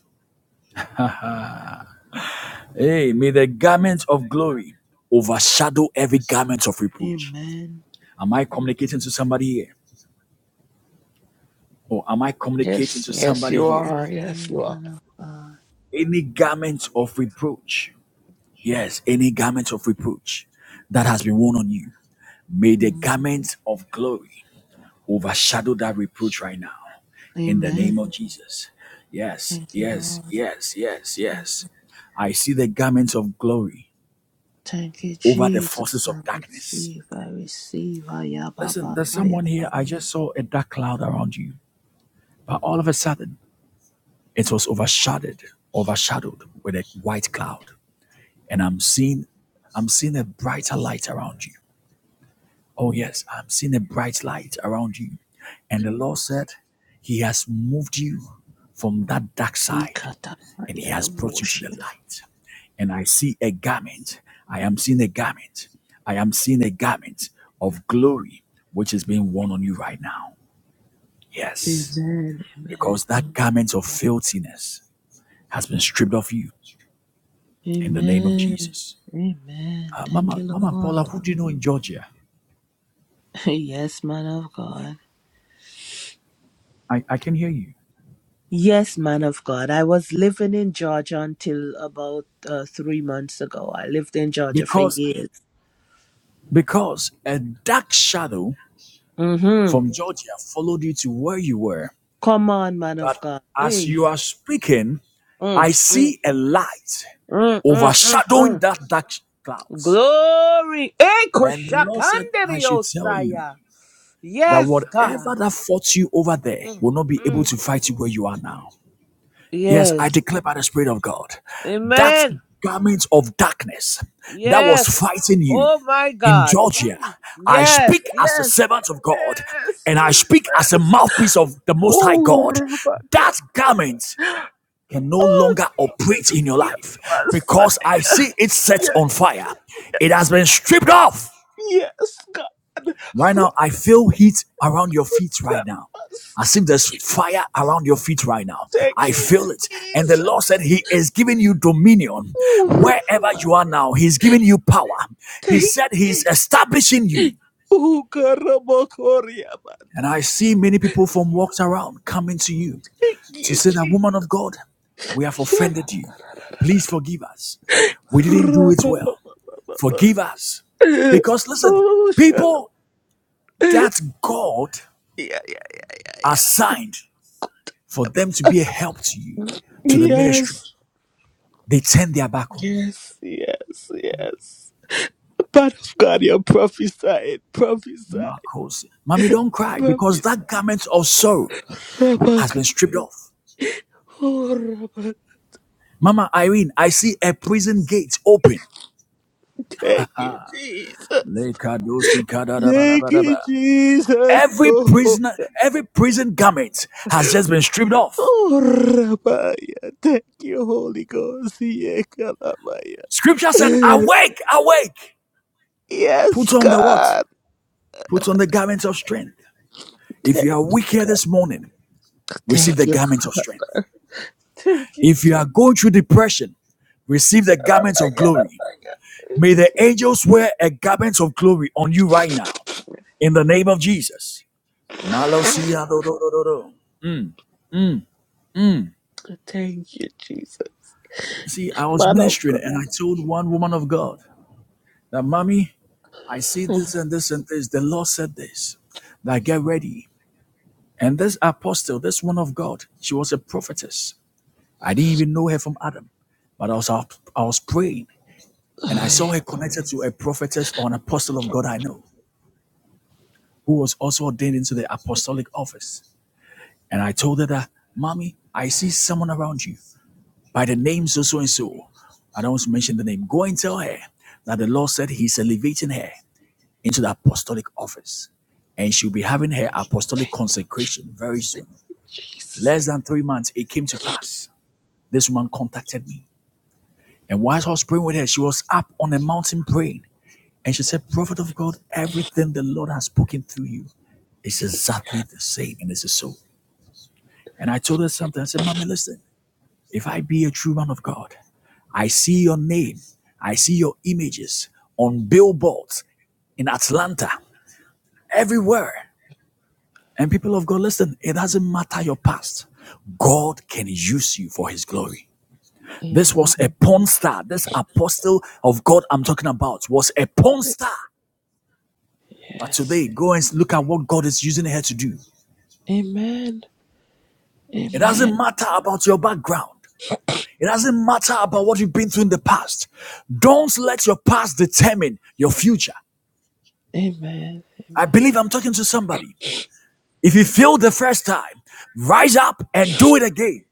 Speaker 1: Hey, may the garments of glory overshadow every garment of reproach.
Speaker 4: Amen.
Speaker 1: Am I communicating to somebody here? Or am I communicating
Speaker 3: yes,
Speaker 1: to
Speaker 3: yes,
Speaker 1: somebody
Speaker 3: you
Speaker 1: here?
Speaker 3: are, yes,
Speaker 4: Amen,
Speaker 3: you are,
Speaker 4: man of God.
Speaker 1: Any garment of reproach. Yes, any garment of reproach that has been worn on you. May the
Speaker 4: Mm.
Speaker 1: garment of glory overshadow that reproach right now. in the name
Speaker 4: Amen.
Speaker 1: of Jesus. Yes,
Speaker 4: Thank you,
Speaker 1: yes,
Speaker 4: Lord.
Speaker 1: yes, yes,
Speaker 4: Jesus.
Speaker 1: yes. I see the garments of glory
Speaker 4: Thank you,
Speaker 1: over the
Speaker 4: Jesus.
Speaker 1: forces
Speaker 4: I
Speaker 1: of darkness.
Speaker 4: receive, I receive.
Speaker 1: Listen,
Speaker 4: Ayababa,
Speaker 1: there's someone here. I
Speaker 4: ayaba.
Speaker 1: just saw a dark cloud around you, but all of a sudden it was overshadowed, overshadowed with a white cloud. And I'm seeing, I'm seeing a brighter light around you. Oh yes, I'm seeing a bright light around you. And the Lord said, He has moved you from that dark side and He has brought you to the
Speaker 4: Ikatayaraboshia.
Speaker 1: light. and I see a garment. I am seeing a garment. I am seeing a garment of glory which is being worn on you right now. Yes,
Speaker 4: Amen. Amen.
Speaker 1: because that garment of filthiness has been stripped off you in the name of
Speaker 4: Amen.
Speaker 1: Jesus.
Speaker 4: Amen.
Speaker 1: Uh,
Speaker 4: Thank
Speaker 1: Mama,
Speaker 4: you,
Speaker 1: Mama
Speaker 4: Lord.
Speaker 1: Paula, who do you know in Georgia?
Speaker 4: Yes, man of God.
Speaker 1: I, I can hear you.
Speaker 4: Yes, man of God. I was living in Georgia until about uh, three months ago. I lived in Georgia for
Speaker 1: Because
Speaker 4: years.
Speaker 1: because a dark shadow
Speaker 4: Mm-hmm.
Speaker 1: from Georgia followed you to where you were.
Speaker 4: Come on, man
Speaker 1: But
Speaker 4: of God.
Speaker 1: as
Speaker 4: Hey.
Speaker 1: you are speaking,
Speaker 4: Mm,
Speaker 1: I
Speaker 4: mm,
Speaker 1: see a light
Speaker 4: mm, mm, mm,
Speaker 1: overshadowing
Speaker 4: mm.
Speaker 1: that dark clouds.
Speaker 4: Glory. Hey,
Speaker 1: And the Lord said, I should
Speaker 4: Koshakanderio
Speaker 1: tell you
Speaker 4: Saya.
Speaker 1: that
Speaker 4: Yes, God.
Speaker 1: whatever that fought you over there
Speaker 4: Mm,
Speaker 1: will not be able
Speaker 4: mm.
Speaker 1: to fight you where you are now. Yes, I
Speaker 4: Yes.
Speaker 1: declare by the Spirit of God that
Speaker 4: Amen.
Speaker 1: garment of darkness that was
Speaker 4: Yes.
Speaker 1: fighting you
Speaker 4: Oh my
Speaker 1: in
Speaker 4: God.
Speaker 1: Georgia,
Speaker 4: Mm.
Speaker 1: I
Speaker 4: Yes.
Speaker 1: speak as the
Speaker 4: Yes.
Speaker 1: servant of God
Speaker 4: Yes.
Speaker 1: and I speak as a
Speaker 4: Jesus.
Speaker 1: mouthpiece of the Most High
Speaker 4: Oh,
Speaker 1: God.
Speaker 4: Rabaka.
Speaker 1: That garment can no
Speaker 4: Oh,
Speaker 1: longer operate
Speaker 4: Jesus.
Speaker 1: in your
Speaker 4: Kia
Speaker 1: life because I
Speaker 4: Messiah.
Speaker 1: see it set
Speaker 4: Yeah.
Speaker 1: on fire. It has been stripped off
Speaker 4: Yes,
Speaker 1: Right
Speaker 4: God.
Speaker 1: now, I feel heat around your feet
Speaker 4: Rabaka.
Speaker 1: right now. As if there's fire around your feet right now.
Speaker 4: Thank
Speaker 1: I
Speaker 4: you,
Speaker 1: feel it. And the
Speaker 4: Jesus.
Speaker 1: Lord said, He is giving you dominion.
Speaker 4: Oh,
Speaker 1: Wherever
Speaker 4: Rabaka.
Speaker 1: you are now, He's giving you power. He
Speaker 4: Thank you.
Speaker 1: said, He's establishing you.
Speaker 4: Oh, God.
Speaker 1: And
Speaker 4: Rabaka.
Speaker 1: I see many people from walks around coming to you
Speaker 4: Thank
Speaker 1: to
Speaker 4: you,
Speaker 1: say that,
Speaker 4: Jesus.
Speaker 1: Woman of God, we have
Speaker 4: Yeah.
Speaker 1: offended you. Please forgive us. We didn't do it well.
Speaker 4: Rabaka.
Speaker 1: Forgive us. Because listen,
Speaker 4: oh, shut up.
Speaker 1: people
Speaker 4: Yeah,
Speaker 1: that God
Speaker 4: yeah, yeah.
Speaker 1: assigned for them to be a help to you, to the ministry,
Speaker 4: Yes,
Speaker 1: they turn their back on you.
Speaker 4: yes, yes, yes. Part of God, you're prophesying, prophesying,
Speaker 1: Marcos, mommy, don't cry because
Speaker 4: prophesying.
Speaker 1: that garment of sorrow has
Speaker 4: Rabak.
Speaker 1: been stripped off.
Speaker 4: Oh, Rabak.
Speaker 1: Mama Irene, I see a prison gate open.
Speaker 4: Thank you, Jesus. Thank you, Jesus.
Speaker 1: Every
Speaker 4: Oh, oh.
Speaker 1: prisoner, every prison garment has just been stripped off.
Speaker 4: Oh, Rabaya, thank you, Holy Ghost. Yeah, Kalabaya.
Speaker 1: Scripture said, Awake, awake.
Speaker 4: Yes,
Speaker 1: Put on the what?
Speaker 4: God.
Speaker 1: Put on the garment of strength. If
Speaker 4: Thank,
Speaker 1: you are weak here this morning, receive
Speaker 4: thank
Speaker 1: the
Speaker 4: you.
Speaker 1: garment of strength.
Speaker 4: Thank you,
Speaker 1: If you
Speaker 4: Jesus.
Speaker 1: are going through depression, receive the garments of
Speaker 4: Rabaya,
Speaker 1: glory.
Speaker 4: Rabaya.
Speaker 1: May the angels wear a garment of glory on you right now in the name of Jesus. Malosia do do
Speaker 4: Thank you, Jesus.
Speaker 1: See, I was
Speaker 4: Man of
Speaker 1: ministering
Speaker 4: God.
Speaker 1: and I told one woman of God that, Mommy, I see this and this and this. The Lord said this, that get ready. And this apostle, this one of God, she was a prophetess. I didn't even know her from Adam, but I was out, I was praying and I
Speaker 4: Ay,
Speaker 1: saw her connected to a prophetess or an apostle of God I know who was also ordained into the apostolic office. And I told her that, Mommy, I see someone around you by the name so so and so. I don't want to mention the name. Go and tell her that the Lord said He's elevating her into the apostolic office. And she'll be having her apostolic consecration very soon.
Speaker 4: Jesus.
Speaker 1: Less than three months, it came to pass. This woman contacted me. And whilst I was praying with her, she was up on a mountain praying. And she said, Prophet of God, everything the Lord has spoken through you is exactly the same. And this is so. And I told her something. I said, Mommy, listen. If I be a true man of God, I see your name, I see your images on billboards in Atlanta, everywhere. And people of God, listen, it doesn't matter your past. God can use you for his glory. This
Speaker 4: Amen.
Speaker 1: was a porn star. This apostle of God I'm talking about was a porn star. But
Speaker 4: Yes.
Speaker 1: today, go and look at what God is using her to do.
Speaker 4: Amen.
Speaker 1: It
Speaker 4: Amen.
Speaker 1: doesn't matter about your background. It doesn't matter about what you've been through in the past. Don't let your past determine your future.
Speaker 4: Amen.
Speaker 1: I
Speaker 4: Amen.
Speaker 1: believe I'm talking to somebody. If you failed the first time, rise up and do it again.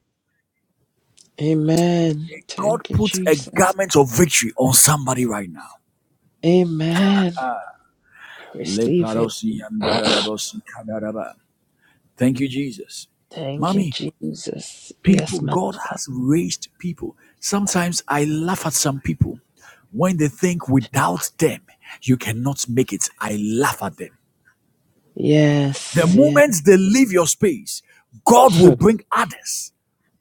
Speaker 4: Amen.
Speaker 1: May God
Speaker 4: Thank you,
Speaker 1: put a
Speaker 4: Jesus.
Speaker 1: garment of victory on somebody right now.
Speaker 4: Amen. Receive it.
Speaker 1: Thank you, Jesus.
Speaker 4: Thank you,
Speaker 1: Mommy,
Speaker 4: Jesus.
Speaker 1: people,
Speaker 4: Yes, man of
Speaker 1: God
Speaker 4: God.
Speaker 1: has raised people. Sometimes I laugh at some people when they think without them, you cannot make it. I laugh at them. The
Speaker 4: Yes. yes.
Speaker 1: moment they leave your space, God will bring others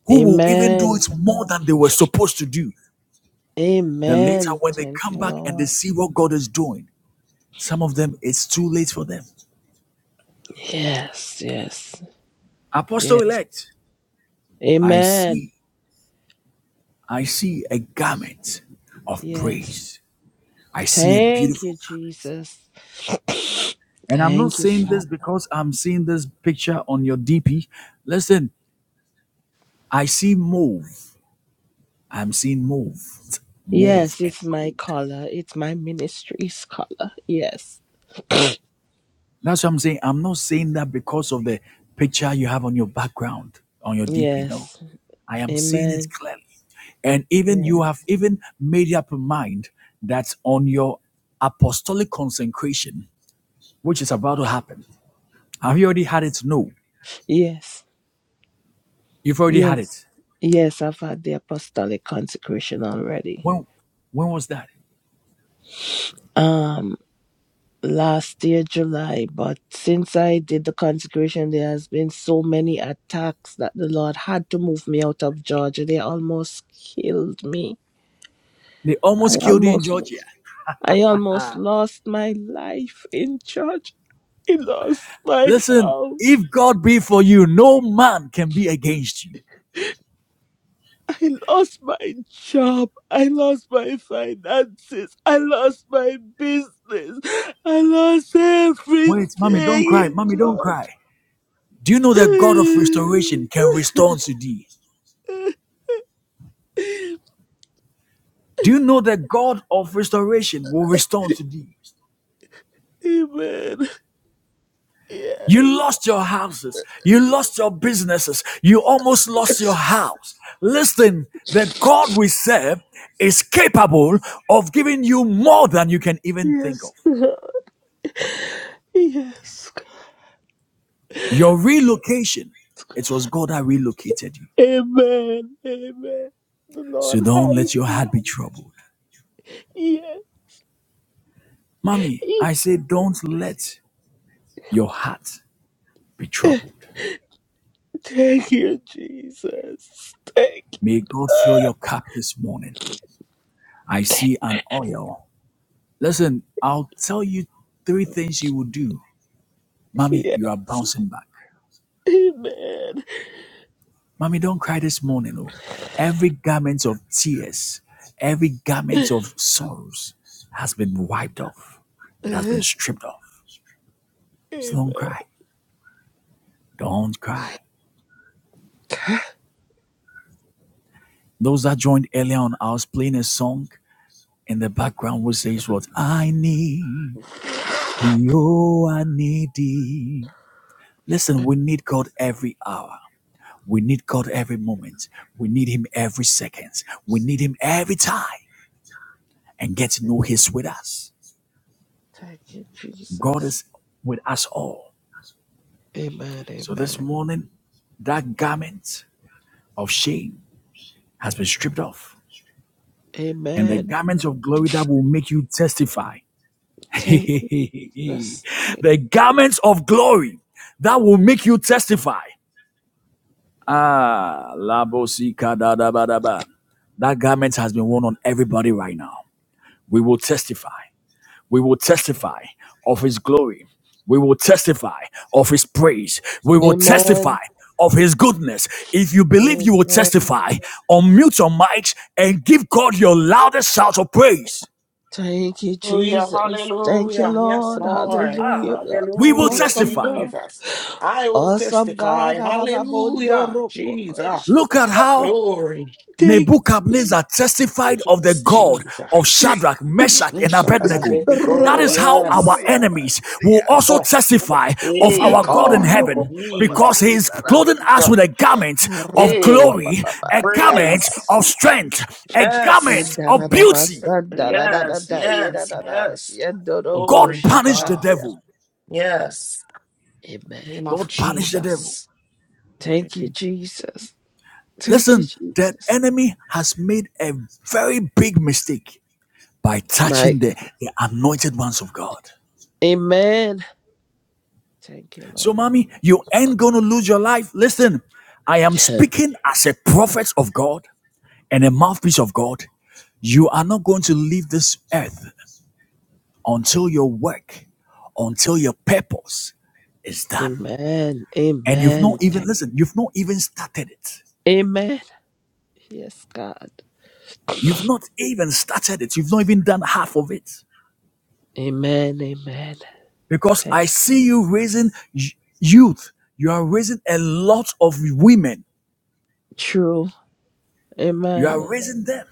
Speaker 1: who will even do
Speaker 4: Amen.
Speaker 1: it more than they were supposed to do. Then later,
Speaker 4: Amen.
Speaker 1: when they
Speaker 4: Thank you,
Speaker 1: come back and they
Speaker 4: Lord.
Speaker 1: see what God is doing, some of them, it's too late for them.
Speaker 4: Yes, yes,
Speaker 1: Apostle
Speaker 4: yes.
Speaker 1: elect, I
Speaker 4: Amen.
Speaker 1: see, I see a garment of
Speaker 4: Yes.
Speaker 1: praise. I see a
Speaker 4: Thank
Speaker 1: beautiful
Speaker 4: you,
Speaker 1: garment.
Speaker 4: Jesus.
Speaker 1: And I'm not
Speaker 4: Thank you,
Speaker 1: saying
Speaker 4: Father.
Speaker 1: this because I'm seeing this picture on your DP. Listen, I see mauve. I'm seeing mauve, mauve
Speaker 4: Yes,
Speaker 1: and
Speaker 4: it's my
Speaker 1: gold.
Speaker 4: color. It's my ministry's color. Yes.
Speaker 1: That's what I'm saying. I'm not saying that because of the picture you have on your background, on your DP. No,
Speaker 4: Yes.
Speaker 1: I am seeing it
Speaker 4: Amen.
Speaker 1: clearly. And even
Speaker 4: Yes.
Speaker 1: you have even made up your mind that on your apostolic consecration, which is about to happen, have you already had it? No,
Speaker 4: Yes.
Speaker 1: you've already had
Speaker 4: Yes.
Speaker 1: it.
Speaker 4: Yes, I've had the apostolic consecration already.
Speaker 1: When when was that?
Speaker 4: Um last year July, but since I did the consecration there has been so many attacks that the Lord had to move me out of Georgia. They almost killed me.
Speaker 1: They
Speaker 4: I
Speaker 1: almost killed you
Speaker 4: almost
Speaker 1: in Georgia.
Speaker 4: I almost lost my life in church. I lost my
Speaker 1: Listen,
Speaker 4: house.
Speaker 1: if God be for you, no man can be against you.
Speaker 4: I lost my job. I lost my finances. I lost my business. I lost
Speaker 1: Wait, mommy, don't cry.
Speaker 4: everything in
Speaker 1: Mommy, don't cry. Do you know
Speaker 4: church.
Speaker 1: that God of restoration can restore unto thee? Do you know that God of restoration will restore unto thee?
Speaker 4: Amen.
Speaker 1: You
Speaker 4: Yes.
Speaker 1: lost your houses. You lost your businesses. You almost lost your house. Listen, the God we serve is capable of giving you more than you can even think of.
Speaker 4: Yes. God. Yes. God.
Speaker 1: Your relocation, it was God that relocated you.
Speaker 4: Amen. Amen. The Lord
Speaker 1: So don't
Speaker 4: hide
Speaker 1: let your
Speaker 4: me.
Speaker 1: heart be troubled.
Speaker 4: Yes.
Speaker 1: Mommy, I say don't let your heart be troubled.
Speaker 4: Thank you, Jesus. Thank you.
Speaker 1: May God fill your cup this morning. I see an oil. Listen, I'll tell you three things you will do. Mommy, you are
Speaker 4: Yes.
Speaker 1: bouncing back.
Speaker 4: Amen.
Speaker 1: Mommy, don't cry this morning. Oh. Every garment of tears, every garment of sorrows has been wiped off. It has been
Speaker 4: Amen.
Speaker 1: stripped off. So don't cry. Don't cry. Those that joined earlier on, I was playing a song in the background which says what I need. The oh I need thee. Listen, we need God every hour. We need God every moment. We need Him every second. We need Him every time and get to know He's with us.
Speaker 4: Thank you,
Speaker 1: God
Speaker 4: Jesus.
Speaker 1: is with us all.
Speaker 4: Amen.
Speaker 1: So this
Speaker 4: Amen.
Speaker 1: morning, that garment of shame has been stripped off, and the
Speaker 4: Amen.
Speaker 1: garment of glory that will make you testify.
Speaker 4: Thank you, Jesus. Thank
Speaker 1: the garments of glory that will make you testify. Ah, labo si da da ba da ba. That garment has been worn on everybody right now. We will testify. We will testify of his glory. We will testify of his praise. We will testify
Speaker 4: Amen.
Speaker 1: of his goodness. If you believe you will
Speaker 4: Amen.
Speaker 1: testify, unmute your mics and give God your loudest shout of praise.
Speaker 4: Thank you,
Speaker 3: hallelujah,
Speaker 4: Jesus. Thank you,
Speaker 3: hallelujah, yes,
Speaker 4: Lord.
Speaker 3: Lord,
Speaker 4: Hallelujah, God.
Speaker 1: We will
Speaker 3: hallelujah,
Speaker 4: Awesome
Speaker 1: testify.
Speaker 4: God.
Speaker 3: Jesus, I will
Speaker 4: Awesome
Speaker 3: testify,
Speaker 4: God.
Speaker 3: hallelujah, Jesus.
Speaker 1: Look at how
Speaker 3: Glory,
Speaker 4: Thank
Speaker 1: Nebuchadnezzar testified of the
Speaker 3: Yes,
Speaker 1: God of
Speaker 4: Thank
Speaker 3: Jesus.
Speaker 1: Shadrach,
Speaker 4: you,
Speaker 1: Meshach, and
Speaker 4: Jesus.
Speaker 1: Abednego. That
Speaker 3: Ushakanabeniko,
Speaker 1: is how our
Speaker 3: Yes,
Speaker 4: Rabaturia
Speaker 1: enemies will
Speaker 4: Banderias.
Speaker 1: also
Speaker 3: yes.
Speaker 1: testify of
Speaker 3: Hey,
Speaker 1: our God
Speaker 4: Yako
Speaker 1: in
Speaker 3: God.
Speaker 4: Robo
Speaker 1: heaven
Speaker 4: Babai.
Speaker 1: because
Speaker 3: Jesus.
Speaker 1: he is clothing
Speaker 4: Naramas.
Speaker 1: us
Speaker 3: Hallelujah.
Speaker 1: with a garment of
Speaker 3: Hey,
Speaker 1: glory, a
Speaker 4: Harababai.
Speaker 1: garment
Speaker 3: Prince.
Speaker 1: of
Speaker 4: Arabasi.
Speaker 1: strength, a
Speaker 3: Yes.
Speaker 1: garment of beauty.
Speaker 4: Indaradabasa.
Speaker 3: Yes,
Speaker 4: Daradada.
Speaker 3: yes, yes.
Speaker 4: Iradadashi.
Speaker 1: God
Speaker 3: Glory to
Speaker 4: Andorobosha.
Speaker 1: punished the
Speaker 3: God.
Speaker 4: Amen.
Speaker 1: devil.
Speaker 3: Yes. Name of
Speaker 1: God punished the devil.
Speaker 3: Jesus. Thank
Speaker 4: Thank you, Jesus. Thank you,
Speaker 1: Listen, the
Speaker 4: Jesus.
Speaker 1: enemy has made a very big mistake by
Speaker 4: My
Speaker 1: touching the,
Speaker 4: God.
Speaker 1: the anointed ones of God.
Speaker 4: Amen. Thank you,
Speaker 1: So, mommy, you ain't gonna lose your life. Listen, I am
Speaker 4: Lord.
Speaker 1: speaking as a prophet of God and a mouthpiece of God. You are not going to leave this earth until your work, until your purpose is done.
Speaker 4: Amen.
Speaker 1: And you've not
Speaker 4: Amen.
Speaker 1: even,
Speaker 4: Thank-
Speaker 1: listen, you've not even started it.
Speaker 4: Amen. Yes, God.
Speaker 1: You've not even started it. You've not even done half of it.
Speaker 4: Amen. Amen.
Speaker 1: Because
Speaker 4: Thank
Speaker 1: I see you raising y- youth. You are raising a lot of women.
Speaker 4: true.
Speaker 1: You
Speaker 4: Amen.
Speaker 1: are raising them.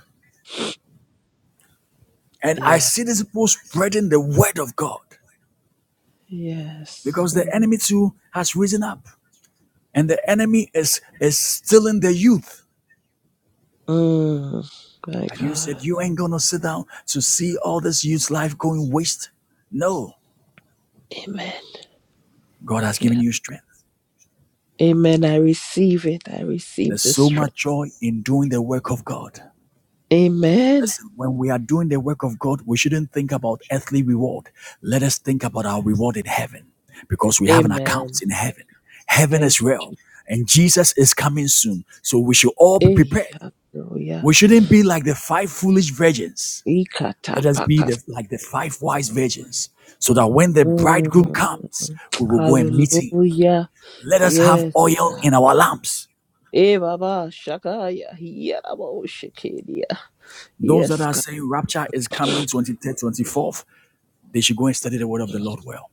Speaker 1: And I
Speaker 4: Yeah.
Speaker 1: see these people spreading the word of God
Speaker 4: Yes.
Speaker 1: because the
Speaker 4: Amen.
Speaker 1: enemy too has risen up. And the enemy is, is stealing the youth.
Speaker 4: Mm, my
Speaker 1: Like you
Speaker 4: God.
Speaker 1: said, you ain't going to sit down to see all this youth's life going waste. No,
Speaker 4: Amen.
Speaker 1: God has given
Speaker 4: Yeah.
Speaker 1: you strength.
Speaker 4: Amen. I receive it. I receive
Speaker 1: There's
Speaker 4: the
Speaker 1: so much
Speaker 4: strength.
Speaker 1: joy in doing the work of God.
Speaker 4: Amen.
Speaker 1: Listen, when we are doing the work of God, we shouldn't think about earthly reward. Let us think about our reward in heaven because we have an account
Speaker 4: Amen.
Speaker 1: in heaven. Heaven is
Speaker 4: Thank you,
Speaker 1: real
Speaker 4: Jesus.
Speaker 1: and Jesus is coming soon. So we should all be
Speaker 4: Hey,
Speaker 1: prepared.
Speaker 4: hallelujah.
Speaker 1: We shouldn't be like the five foolish virgins. Let us be
Speaker 4: Ikatapakas.
Speaker 1: the, like the five wise virgins so that when the bridegroom
Speaker 4: Mm,
Speaker 1: comes, we will go and meet him.
Speaker 4: hallelujah.
Speaker 1: Let us have
Speaker 4: Yes.
Speaker 1: oil in our lamps.
Speaker 4: Hey, Baba. Shakaya. Yarabo Shekedia.
Speaker 1: Those that
Speaker 4: Yes,
Speaker 1: are
Speaker 4: God.
Speaker 1: saying rapture is coming 23rd, 24th, they should go and study the word of the Lord well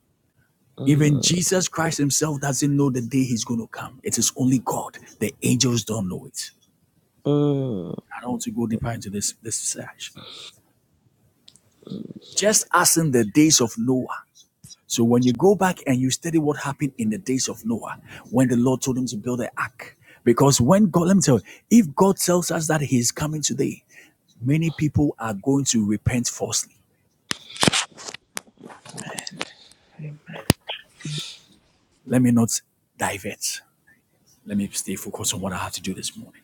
Speaker 1: Even
Speaker 4: Mm,
Speaker 1: Jesus Christ himself doesn't know the day he's going to come. It is only God. The angels don't know it.
Speaker 4: mm.
Speaker 1: I don't want to go deeper into this, this search. Just as in the days of Noah. So when you go back and you study what happened in the days of Noah, when the Lord told him to build an ark, because when God, let me tell you, if God tells us that He is coming today, many people are going to repent falsely. Let me not divert. Let me stay focused on what I have to do this morning.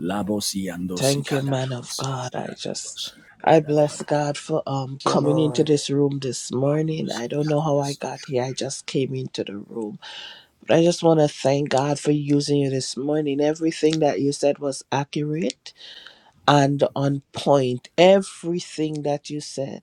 Speaker 1: Labosi andosi
Speaker 4: Thank you, man of
Speaker 1: kadanabosi
Speaker 4: God. I just
Speaker 1: andanabosi
Speaker 4: I bless
Speaker 1: andanabosi
Speaker 4: God for um
Speaker 3: you,
Speaker 4: coming into
Speaker 3: Lord.
Speaker 4: this room this morning. I don't know how I
Speaker 1: andosi.
Speaker 4: got here. I just came into the room. But I just want to thank God for using you this morning. Everything that you said was accurate and on point. Everything that you said.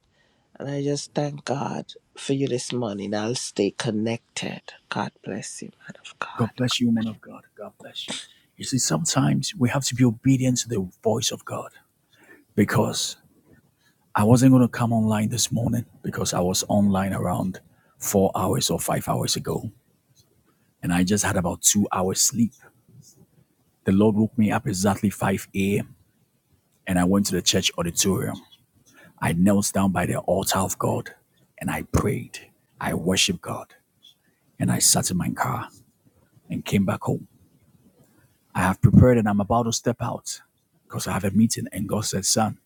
Speaker 4: And I just thank God for you this morning. I'll stay connected. God bless you, man of God.
Speaker 1: God bless you, woman of God. God bless you. You see, sometimes we have to be obedient to the voice of God because I wasn't going to come online this morning because I was online around four hours or five hours ago and I just had about two hours sleep. The Lord woke me up exactly 5 a.m. and I went to the church auditorium. I knelt down by the altar of God and I prayed. I worshiped God. and I sat in my car and came back home. I have prepared and I'm about to step out because I have a meeting. And God said, Son,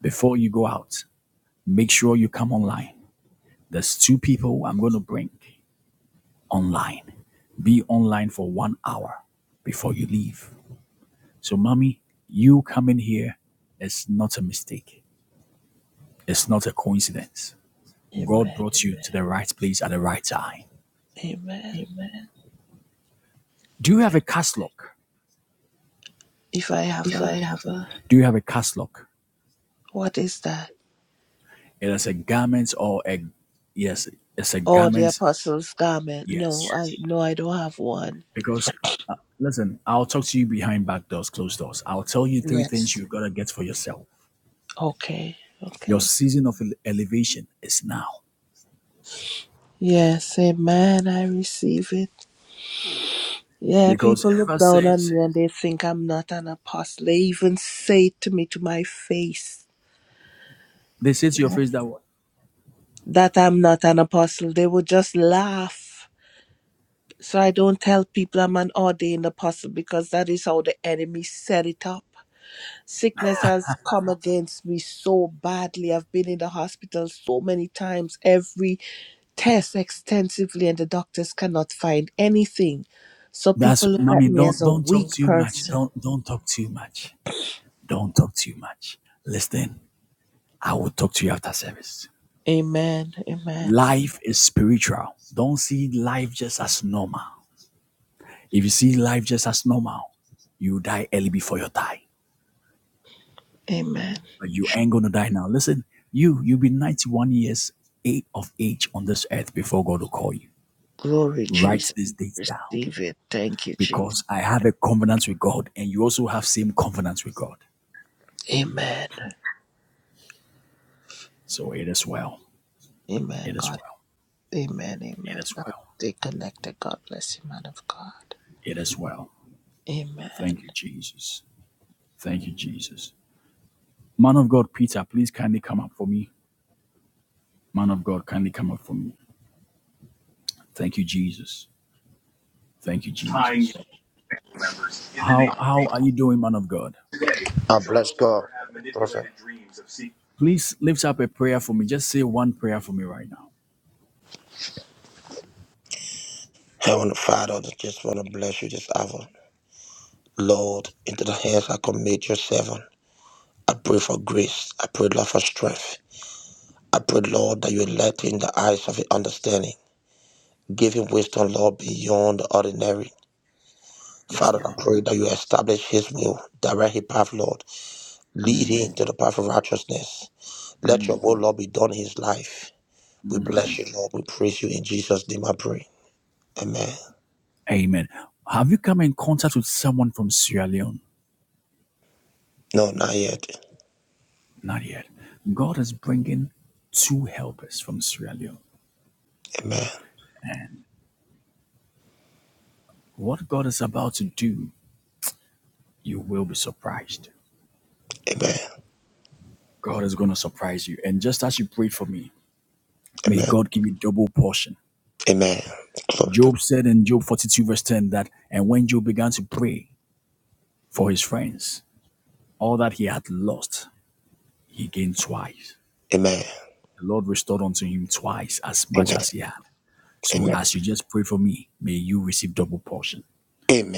Speaker 1: before you go out, make sure you come online. There's two people I'm going to bring online. Be online for one hour before you leave. So, mommy, you coming here is not a mistake, it's not a coincidence. God
Speaker 4: Amen.
Speaker 1: brought you Amen. to the right place at the right time.
Speaker 4: Amen.
Speaker 1: Amen. Do you have a cast lock?
Speaker 4: If I have
Speaker 1: If
Speaker 4: a
Speaker 1: I have a Do you have a cast lock?
Speaker 4: What is that?
Speaker 1: It is a garment or a yes, it's a
Speaker 4: Oh, the
Speaker 1: garment.
Speaker 4: apostles' garment. No,
Speaker 1: Yes,
Speaker 4: I no, I don't have one.
Speaker 1: because uh, listen, I'll talk to you behind back doors, closed doors. I'll tell you three things
Speaker 4: Yes.
Speaker 1: you gotta get for yourself.
Speaker 4: Okay.
Speaker 1: Your
Speaker 4: Okay.
Speaker 1: season of ele- elevation is now
Speaker 4: Yes. Amen. I receive it. Yeah,
Speaker 1: because
Speaker 4: people look
Speaker 1: ever
Speaker 4: down on
Speaker 1: since
Speaker 4: me and they think I'm not an apostle. They even say it to me to my face
Speaker 1: they say to your face that what
Speaker 4: that I'm not an apostle. They would just laugh. So I don't tell people I'm an ordained apostle because that is how the enemy set it up. Sickness has come against me so badly. I've been in the hospital so many times, every test extensively, and the doctors cannot find anything. So
Speaker 1: that's
Speaker 4: people look at
Speaker 1: mommy
Speaker 4: me as
Speaker 1: don't
Speaker 4: a
Speaker 1: don't talk
Speaker 4: weak
Speaker 1: too much
Speaker 4: person.
Speaker 1: don't don't talk too much don't talk too much listen i will talk to you after service
Speaker 4: Amen. Amen.
Speaker 1: life is spiritual don't see life just as normal If you see life just as normal, you die early before your time.
Speaker 4: Amen.
Speaker 1: But you ain't gonna die now. Listen, you you'll be 91 years eight of age on this earth before God will call you.
Speaker 4: Glory,
Speaker 1: Write
Speaker 4: Jesus.
Speaker 1: this date down
Speaker 4: Receive it. Thank you, Jesus.
Speaker 1: because I have a covenant with God, and you also have same covenant with God.
Speaker 4: Amen.
Speaker 1: So it is well.
Speaker 4: Amen,
Speaker 1: It is
Speaker 4: God.
Speaker 1: well.
Speaker 4: Amen.
Speaker 1: It
Speaker 4: Amen.
Speaker 1: is
Speaker 4: I'll
Speaker 1: well.
Speaker 4: stay connected. God bless you, man of God.
Speaker 1: It is well. Thank
Speaker 4: Amen.
Speaker 1: you, Jesus. Thank you, Jesus. Man of God, Peter, please kindly come up for me. Man of God, kindly come up for me. Thank you, Jesus. Thank you, Jesus. How how are you doing, man of God?
Speaker 5: I bless
Speaker 1: Please lift up a prayer for me. Just say one prayer for me right now.
Speaker 5: Heavenly Father. I just want to bless you this hour. Lord, into the hands I commit your servant. I pray for grace. I pray, Lord, for strength. I pray, Lord, that you light in the eyes of his understanding. Give him wisdom, Lord, beyond the ordinary.
Speaker 1: Yes,
Speaker 5: Father, I
Speaker 1: Lord.
Speaker 5: pray that you establish his will, direct his path, Lord. Lead him to the path of righteousness. Let your will, Lord, be done in his life. We bless you, Lord. We praise you in Jesus' name, I pray. Amen.
Speaker 1: Amen. Have you come in contact with someone from Sierra Leone?
Speaker 5: No, not yet.
Speaker 1: Not yet. God is bringing two helpers from Sierra Leone.
Speaker 5: Amen.
Speaker 1: And what God is about to do, you will be surprised.
Speaker 5: Amen.
Speaker 1: God is going to surprise you. And just as you prayed for me, may
Speaker 5: Amen.
Speaker 1: God give you double portion.
Speaker 5: Amen. Glory.
Speaker 1: Job said in Job 42, verse 10, that, and when Job began to pray for his friends, all that he had lost, he gained twice.
Speaker 5: Amen.
Speaker 1: The Lord restored unto him twice as much
Speaker 5: Amen.
Speaker 1: as he had. So
Speaker 5: Amen.
Speaker 1: as you just pray for me, may you receive double portion.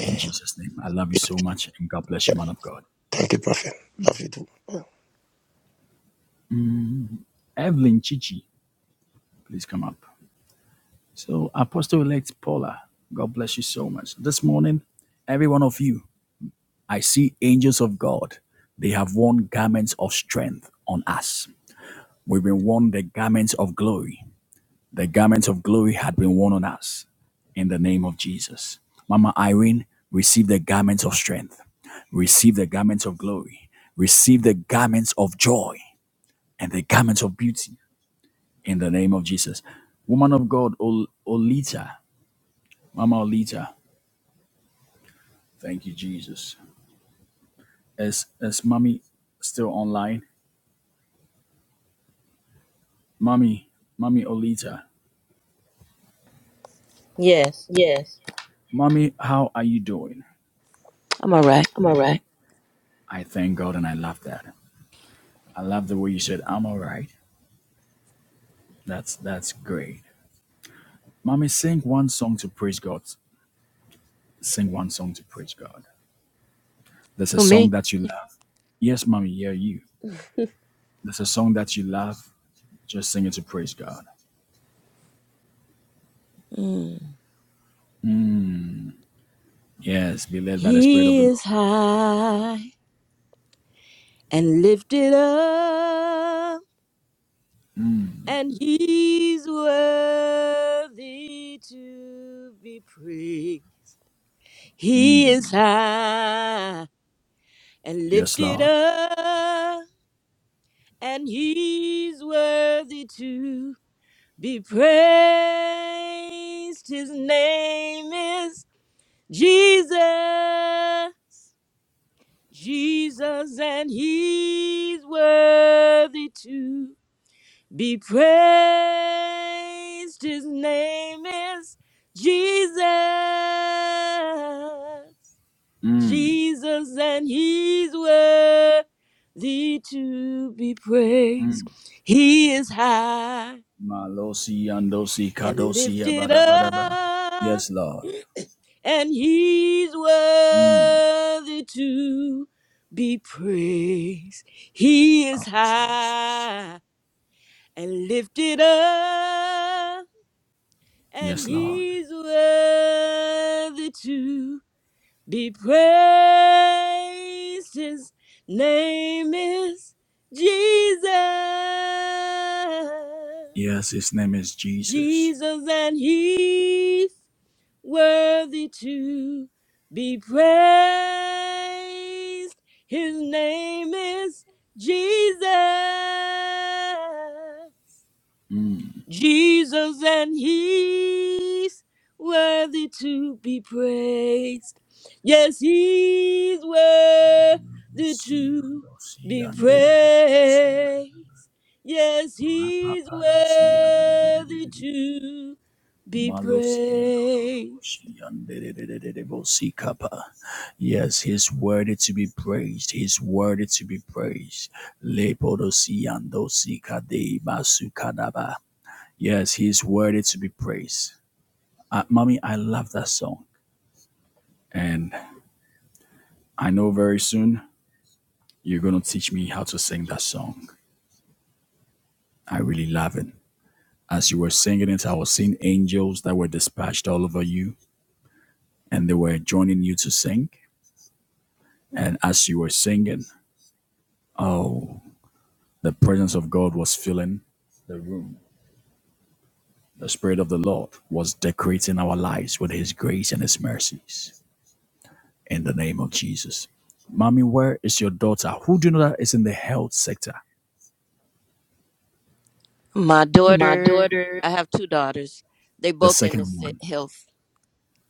Speaker 1: In Jesus' name. I love you so much and God bless you, man of God.
Speaker 5: Thank you, Prophet. Love you too.
Speaker 1: Evelyn Chichi, please come up. So Apostle elect Paula, God bless you so much. This morning, every one of you, I see angels of God. They have worn garments of strength on us. We've been worn the garments of glory. The garment of glory had been worn on us in the name of Jesus. Mama Irene, receive the garments of strength, receive the garments of glory, receive the garments of joy and the garments of beauty in the name of Jesus. Woman of God, Ol- Olita, Mama Olita, thank you, Jesus. Is, is Mommy still online? Mommy, Mommy Olita,
Speaker 2: Yes,
Speaker 1: Yes, Mommy, how are you doing?
Speaker 2: I'm all right.
Speaker 1: I'm all right. I thank God and I love that. I love the way you said, I'm all right. That's that's great. Mommy, sing one song to praise God. Sing one song to praise God. There's a
Speaker 2: Who,
Speaker 1: song
Speaker 2: me?
Speaker 1: that you love. Yes, mommy, yeah, you. There's a song that you love. Just sing it to praise God.
Speaker 2: Mm.
Speaker 1: Yes, be led by the Spirit of the
Speaker 2: He is
Speaker 1: Lord.
Speaker 2: high and lifted up and he's worthy to be praised. He is high and
Speaker 1: Yes,
Speaker 2: lifted
Speaker 1: Lord.
Speaker 2: up, and he's worthy to be praised. His name is Jesus, Jesus, and he's worthy to be praised. His name is Jesus. Jesus, and he's worthy to be praised. He is high
Speaker 1: Malosi andosi
Speaker 2: and
Speaker 1: kadosi
Speaker 2: lifted
Speaker 1: abadabadaba.
Speaker 2: up,
Speaker 1: Yes, Lord.
Speaker 2: and he's
Speaker 1: Mm.
Speaker 2: worthy to be praised. He is
Speaker 1: Oh, Jesus.
Speaker 2: high and lifted up and
Speaker 1: Yes, Lord.
Speaker 2: he's worthy to be praised. His name is Jesus.
Speaker 1: Yes, his name is Jesus.
Speaker 2: Jesus, and he's worthy to be praised. His name is Jesus. Jesus and He's worthy to be praised. Yes, He's worthy to
Speaker 1: Siandosi
Speaker 2: be
Speaker 1: andedededede. Si
Speaker 2: praised. Yes, He's
Speaker 1: Rapapadosi
Speaker 2: worthy
Speaker 1: andedededede.
Speaker 2: to be praised.
Speaker 1: Malosiyanodoshiyanderededededebosikapa. Yes, His word is to be praised. His word is to be praised. Lepodosiyandosikadebasukadaba. Yes, His word is to be praised. Uh, mommy, I love that song, and I know very soon you're gonna teach me how to sing that song. I really love it. As you were singing it, I was seeing angels that were dispatched all over you, and they were joining you to sing. And as you were singing, Oh, the presence of God was filling the room. The Spirit of the Lord was decorating our lives with His grace and His mercies. In the name of Jesus. Mommy, where is your daughter? Who do you know that is in the health sector?
Speaker 2: My
Speaker 1: My
Speaker 2: daughter,
Speaker 1: daughter,
Speaker 2: I have two daughters. They
Speaker 1: The
Speaker 2: both in the
Speaker 1: second
Speaker 2: se-
Speaker 1: one.
Speaker 2: health.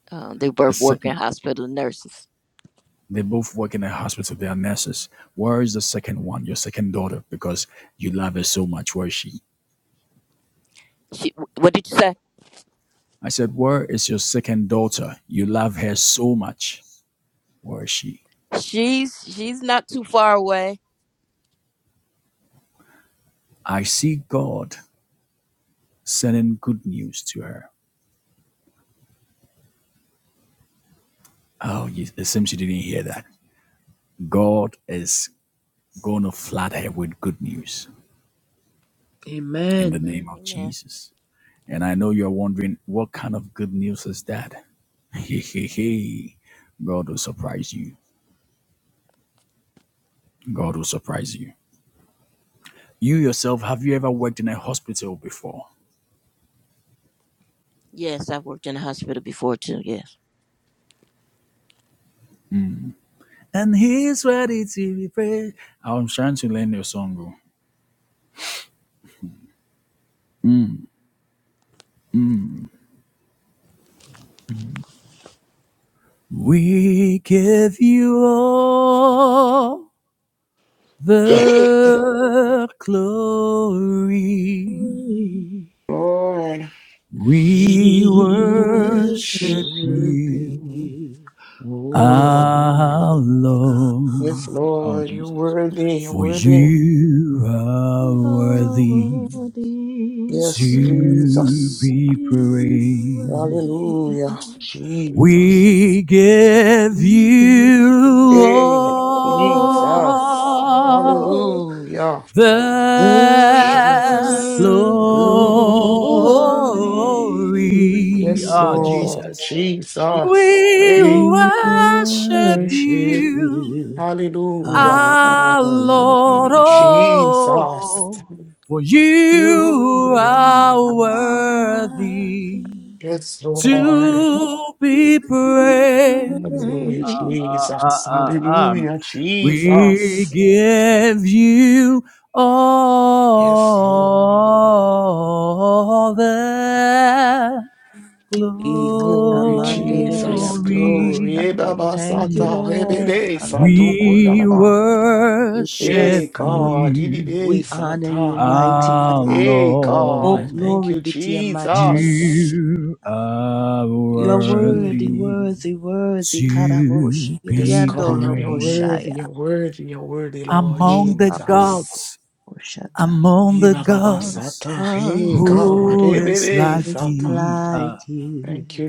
Speaker 2: Uh, they
Speaker 1: The
Speaker 2: both work in
Speaker 1: second.
Speaker 2: hospital nurses.
Speaker 1: They both work in a hospital. They are nurses. Where is the second one, your second daughter? Because you love her so much. Where is she?
Speaker 2: She, what did you say?
Speaker 1: I said, Where is your second daughter? You love her so much. Where is she?
Speaker 2: She's she's not too far away
Speaker 1: I see God sending good news to her. Oh, it seems you didn't hear that. God is going to flood her with good news in the
Speaker 4: Amen.
Speaker 1: name of
Speaker 2: Amen.
Speaker 1: Jesus. And I know you're wondering, what kind of good news is that? Hey, hey, hey. God will surprise you. God will surprise you. You yourself, have you ever worked in a hospital before?
Speaker 2: Yes, I've worked in a hospital before too. Yes.
Speaker 1: And he's ready to be praised. I'm trying to learn your song. oh. Mm. We give you all. the glory.
Speaker 3: Lord,
Speaker 4: We
Speaker 1: We
Speaker 3: we
Speaker 1: worship
Speaker 4: worship
Speaker 3: worship
Speaker 1: you
Speaker 3: you.
Speaker 4: you,
Speaker 3: Oh,
Speaker 4: oh
Speaker 3: God.
Speaker 1: our
Speaker 4: God.
Speaker 3: Yes,
Speaker 1: Lord. Oh,
Speaker 3: Lord, you're
Speaker 1: Jesus.
Speaker 3: worthy, you're
Speaker 1: For
Speaker 3: worthy.
Speaker 1: you are
Speaker 4: How
Speaker 1: worthy
Speaker 4: Worthy
Speaker 3: Yes,
Speaker 4: to be
Speaker 1: to
Speaker 3: Jesus.
Speaker 4: praised.
Speaker 1: be praised.
Speaker 3: Hallelujah.
Speaker 1: We
Speaker 3: Jesus.
Speaker 1: give
Speaker 4: You
Speaker 1: you
Speaker 3: Hey,
Speaker 4: alone
Speaker 3: Jesus.
Speaker 1: all
Speaker 3: Hallelujah.
Speaker 4: the
Speaker 1: the
Speaker 3: Jesus.
Speaker 1: glory
Speaker 4: glory.
Speaker 3: Yes,
Speaker 1: oh
Speaker 3: Lord.
Speaker 1: Jesus.
Speaker 3: Jesus.
Speaker 1: We
Speaker 3: Hey.
Speaker 4: We
Speaker 1: worship
Speaker 4: worship
Speaker 1: you,
Speaker 4: you
Speaker 3: Hallelujah.
Speaker 1: our Lord,
Speaker 4: alone.
Speaker 3: Jesus.
Speaker 1: oh, for
Speaker 4: You
Speaker 1: you
Speaker 3: You
Speaker 4: are
Speaker 1: are
Speaker 3: are.
Speaker 1: worthy
Speaker 4: worthy
Speaker 3: Yes, Lord.
Speaker 4: to
Speaker 1: to
Speaker 4: be
Speaker 1: be praised.
Speaker 3: Hallelujah,
Speaker 1: Uh,
Speaker 4: praised.
Speaker 1: uh, uh,
Speaker 3: Jesus.
Speaker 1: uh, um,
Speaker 3: Hallelujah,
Speaker 1: we
Speaker 3: Jesus.
Speaker 1: give you
Speaker 3: Yes, Lord.
Speaker 1: all the glory.
Speaker 3: Glory, Jesus. Glory. Eh,
Speaker 4: Ikanamandedeyabashaya.
Speaker 3: Baba
Speaker 4: Thank you,
Speaker 3: Sata. Eh,
Speaker 4: Lord.
Speaker 3: Bebe Sato
Speaker 4: Hallelujah.
Speaker 1: We
Speaker 3: Kundalaba.
Speaker 4: We
Speaker 3: Hey,
Speaker 1: worship
Speaker 4: bless you.
Speaker 3: God. Eh,
Speaker 1: you,
Speaker 3: Bebe
Speaker 4: We honor you,
Speaker 3: Sata.
Speaker 4: mighty
Speaker 1: our
Speaker 4: God.
Speaker 3: Hey,
Speaker 4: Oh,
Speaker 3: God.
Speaker 1: Lord.
Speaker 3: Thank
Speaker 4: glory
Speaker 3: you,
Speaker 4: be to your matchless name.
Speaker 3: Jesus.
Speaker 1: You are
Speaker 4: You're
Speaker 3: Lord Jesus.
Speaker 4: worthy,
Speaker 1: worthy.
Speaker 4: worthy, worthy. Karaboshi,
Speaker 1: to
Speaker 3: Yes,
Speaker 1: be
Speaker 4: Giriando
Speaker 3: God. You're
Speaker 1: praised
Speaker 3: worthy.
Speaker 4: Roboshaya.
Speaker 3: You're worthy. You're worthy, Lord
Speaker 1: among the
Speaker 3: Jesus.
Speaker 1: gods,
Speaker 4: Eyaboshata.
Speaker 1: among
Speaker 3: Eh,
Speaker 1: the
Speaker 3: Baba
Speaker 1: gods.
Speaker 3: Sata. Hey, God.
Speaker 1: Who
Speaker 3: Eh,
Speaker 1: is
Speaker 3: Bebe
Speaker 1: like
Speaker 4: is
Speaker 3: Sata.
Speaker 1: thee? Ah,
Speaker 4: like you.
Speaker 3: Thank you,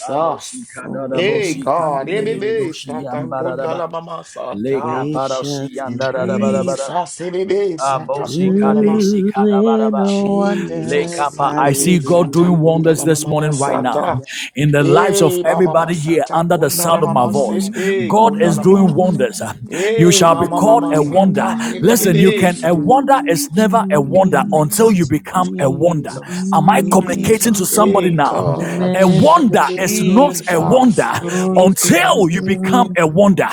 Speaker 1: Balosi
Speaker 3: Hey, God. Hey,
Speaker 4: Holy,
Speaker 3: baby.
Speaker 4: in
Speaker 3: Sata kunda
Speaker 4: holiness,
Speaker 3: la mama sata.
Speaker 4: gracious in praise,
Speaker 3: Jesus. Hey, baby. Sata kunda la mama.
Speaker 4: doing
Speaker 3: Jesus.
Speaker 4: wonders.
Speaker 3: Hey,
Speaker 1: I see
Speaker 3: baby.
Speaker 1: God
Speaker 4: Hallelujah.
Speaker 3: Sata
Speaker 1: doing
Speaker 3: kunda
Speaker 1: wonders
Speaker 3: la mama
Speaker 1: this
Speaker 3: mama
Speaker 1: morning right now
Speaker 3: sata.
Speaker 1: in the lives of
Speaker 3: Hey, mama mama
Speaker 1: everybody here
Speaker 3: sata
Speaker 1: under the
Speaker 3: kunda la
Speaker 1: sound of my
Speaker 3: mama
Speaker 1: voice.
Speaker 3: sepe
Speaker 1: God
Speaker 3: kunda
Speaker 1: is
Speaker 3: la
Speaker 1: doing
Speaker 3: mama.
Speaker 1: wonders. You
Speaker 3: Hey,
Speaker 1: shall be
Speaker 3: mama
Speaker 1: called
Speaker 3: mama
Speaker 1: a wonder.
Speaker 3: sata. Hey,
Speaker 1: Listen, you
Speaker 3: baby.
Speaker 1: can a
Speaker 3: sata.
Speaker 1: wonder is never a wonder until you
Speaker 3: Jesus,
Speaker 1: become a wonder.
Speaker 3: Jesus,
Speaker 1: Am I I'm communicating
Speaker 3: Jesus,
Speaker 1: to somebody
Speaker 3: hey
Speaker 1: now.
Speaker 3: God,
Speaker 1: A
Speaker 4: Amen.
Speaker 1: wonder is
Speaker 4: Hallelujah.
Speaker 1: not a wonder
Speaker 3: Jesus, hey
Speaker 4: Glory,
Speaker 3: God,
Speaker 4: glory,
Speaker 1: until you
Speaker 4: glory.
Speaker 1: become a wonder.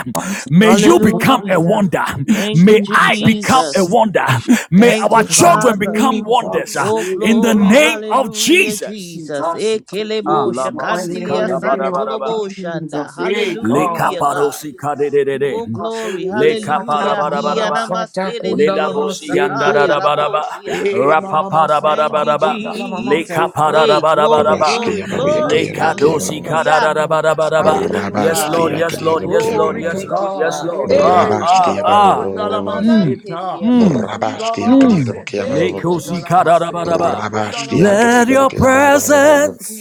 Speaker 1: May you become a
Speaker 4: Hallelujah.
Speaker 1: wonder.
Speaker 4: Thank you,
Speaker 1: May I become a
Speaker 4: Jesus.
Speaker 3: Jesus,
Speaker 1: wonder. May
Speaker 3: yes,
Speaker 4: Thank
Speaker 1: our
Speaker 4: you,
Speaker 3: Lord,
Speaker 1: children
Speaker 4: Father.
Speaker 1: become wonders uh,
Speaker 3: Jesus,
Speaker 4: Oh,
Speaker 3: hey
Speaker 1: in the
Speaker 4: glory.
Speaker 3: God,
Speaker 1: name of
Speaker 4: Hallelujah,
Speaker 1: Jesus.
Speaker 4: Jesus.
Speaker 3: Jesus, I come to you
Speaker 1: Ah,
Speaker 3: this
Speaker 4: Ekelebosha,
Speaker 1: si
Speaker 3: morning,
Speaker 4: kantilia
Speaker 3: in the name of
Speaker 4: santoloboshanda.
Speaker 3: Jesus, hey
Speaker 1: Le
Speaker 3: God,
Speaker 4: Hallelujah, God.
Speaker 1: caparosi cade de, de de.
Speaker 4: Oh,
Speaker 3: Jesus, hey,
Speaker 4: glory.
Speaker 1: Le
Speaker 3: Sata,
Speaker 4: Hallelujah.
Speaker 3: Mama,
Speaker 1: caparabaraba.
Speaker 3: Sata,
Speaker 1: Le
Speaker 3: Kundala,
Speaker 4: Hiyanamaseredidio
Speaker 1: labosi
Speaker 4: sakaya
Speaker 3: Masitu,
Speaker 1: andarabaraba.
Speaker 4: raboshia.
Speaker 3: hey, Mama,
Speaker 4: Thank
Speaker 3: Masata,
Speaker 4: you,
Speaker 1: Rapaparabaraba.
Speaker 3: Kundala, Mama,
Speaker 1: Le
Speaker 4: Jesus.
Speaker 3: Sita,
Speaker 4: Hey, glory,
Speaker 1: caparabarabaraba.
Speaker 5: Rabashki
Speaker 4: glory,
Speaker 5: Ababuya
Speaker 1: Le
Speaker 4: glory.
Speaker 3: Jesus,
Speaker 5: Kaliyabu
Speaker 1: cadosi
Speaker 3: Jesus,
Speaker 5: Kiyabu.
Speaker 4: Hallelujah.
Speaker 3: Jesus.
Speaker 1: cadarabaraba.
Speaker 4: Thank you,
Speaker 1: Yes,
Speaker 3: Hallelujah.
Speaker 4: Father.
Speaker 1: Lord.
Speaker 5: Rabashki
Speaker 1: Yes, Lord.
Speaker 5: Akaliyabu
Speaker 1: Yes, Lord.
Speaker 3: Glory to
Speaker 1: Yes,
Speaker 5: Kiyabu.
Speaker 4: Thank you,
Speaker 1: Lord. Yes,
Speaker 4: Father.
Speaker 3: God.
Speaker 1: Lord.
Speaker 3: Every
Speaker 4: Hey,
Speaker 1: Ah,
Speaker 3: day,
Speaker 5: Rabashki
Speaker 1: ah,
Speaker 3: Satan,
Speaker 4: Kanamama,
Speaker 1: ah.
Speaker 5: Ababu.
Speaker 1: Hmm
Speaker 4: Yanamanan,
Speaker 3: Kundalamasita.
Speaker 4: Dedia Baba
Speaker 1: hmm
Speaker 4: Baha.
Speaker 3: Iba
Speaker 5: Rabashki
Speaker 3: Baba
Speaker 1: hmm.
Speaker 5: Akaliyabu
Speaker 4: Thank
Speaker 1: Le
Speaker 3: Sete,
Speaker 4: you,
Speaker 5: Kiyabu.
Speaker 1: cosi
Speaker 4: Jesus.
Speaker 3: Kundalamasita,
Speaker 4: Thank
Speaker 1: cadarabaraba.
Speaker 4: you,
Speaker 5: Rabashki
Speaker 4: Jesus.
Speaker 3: Kundalamamo,
Speaker 1: Let
Speaker 5: Akaliyabu
Speaker 1: your
Speaker 3: Satan.
Speaker 5: Kiyabu.
Speaker 1: presence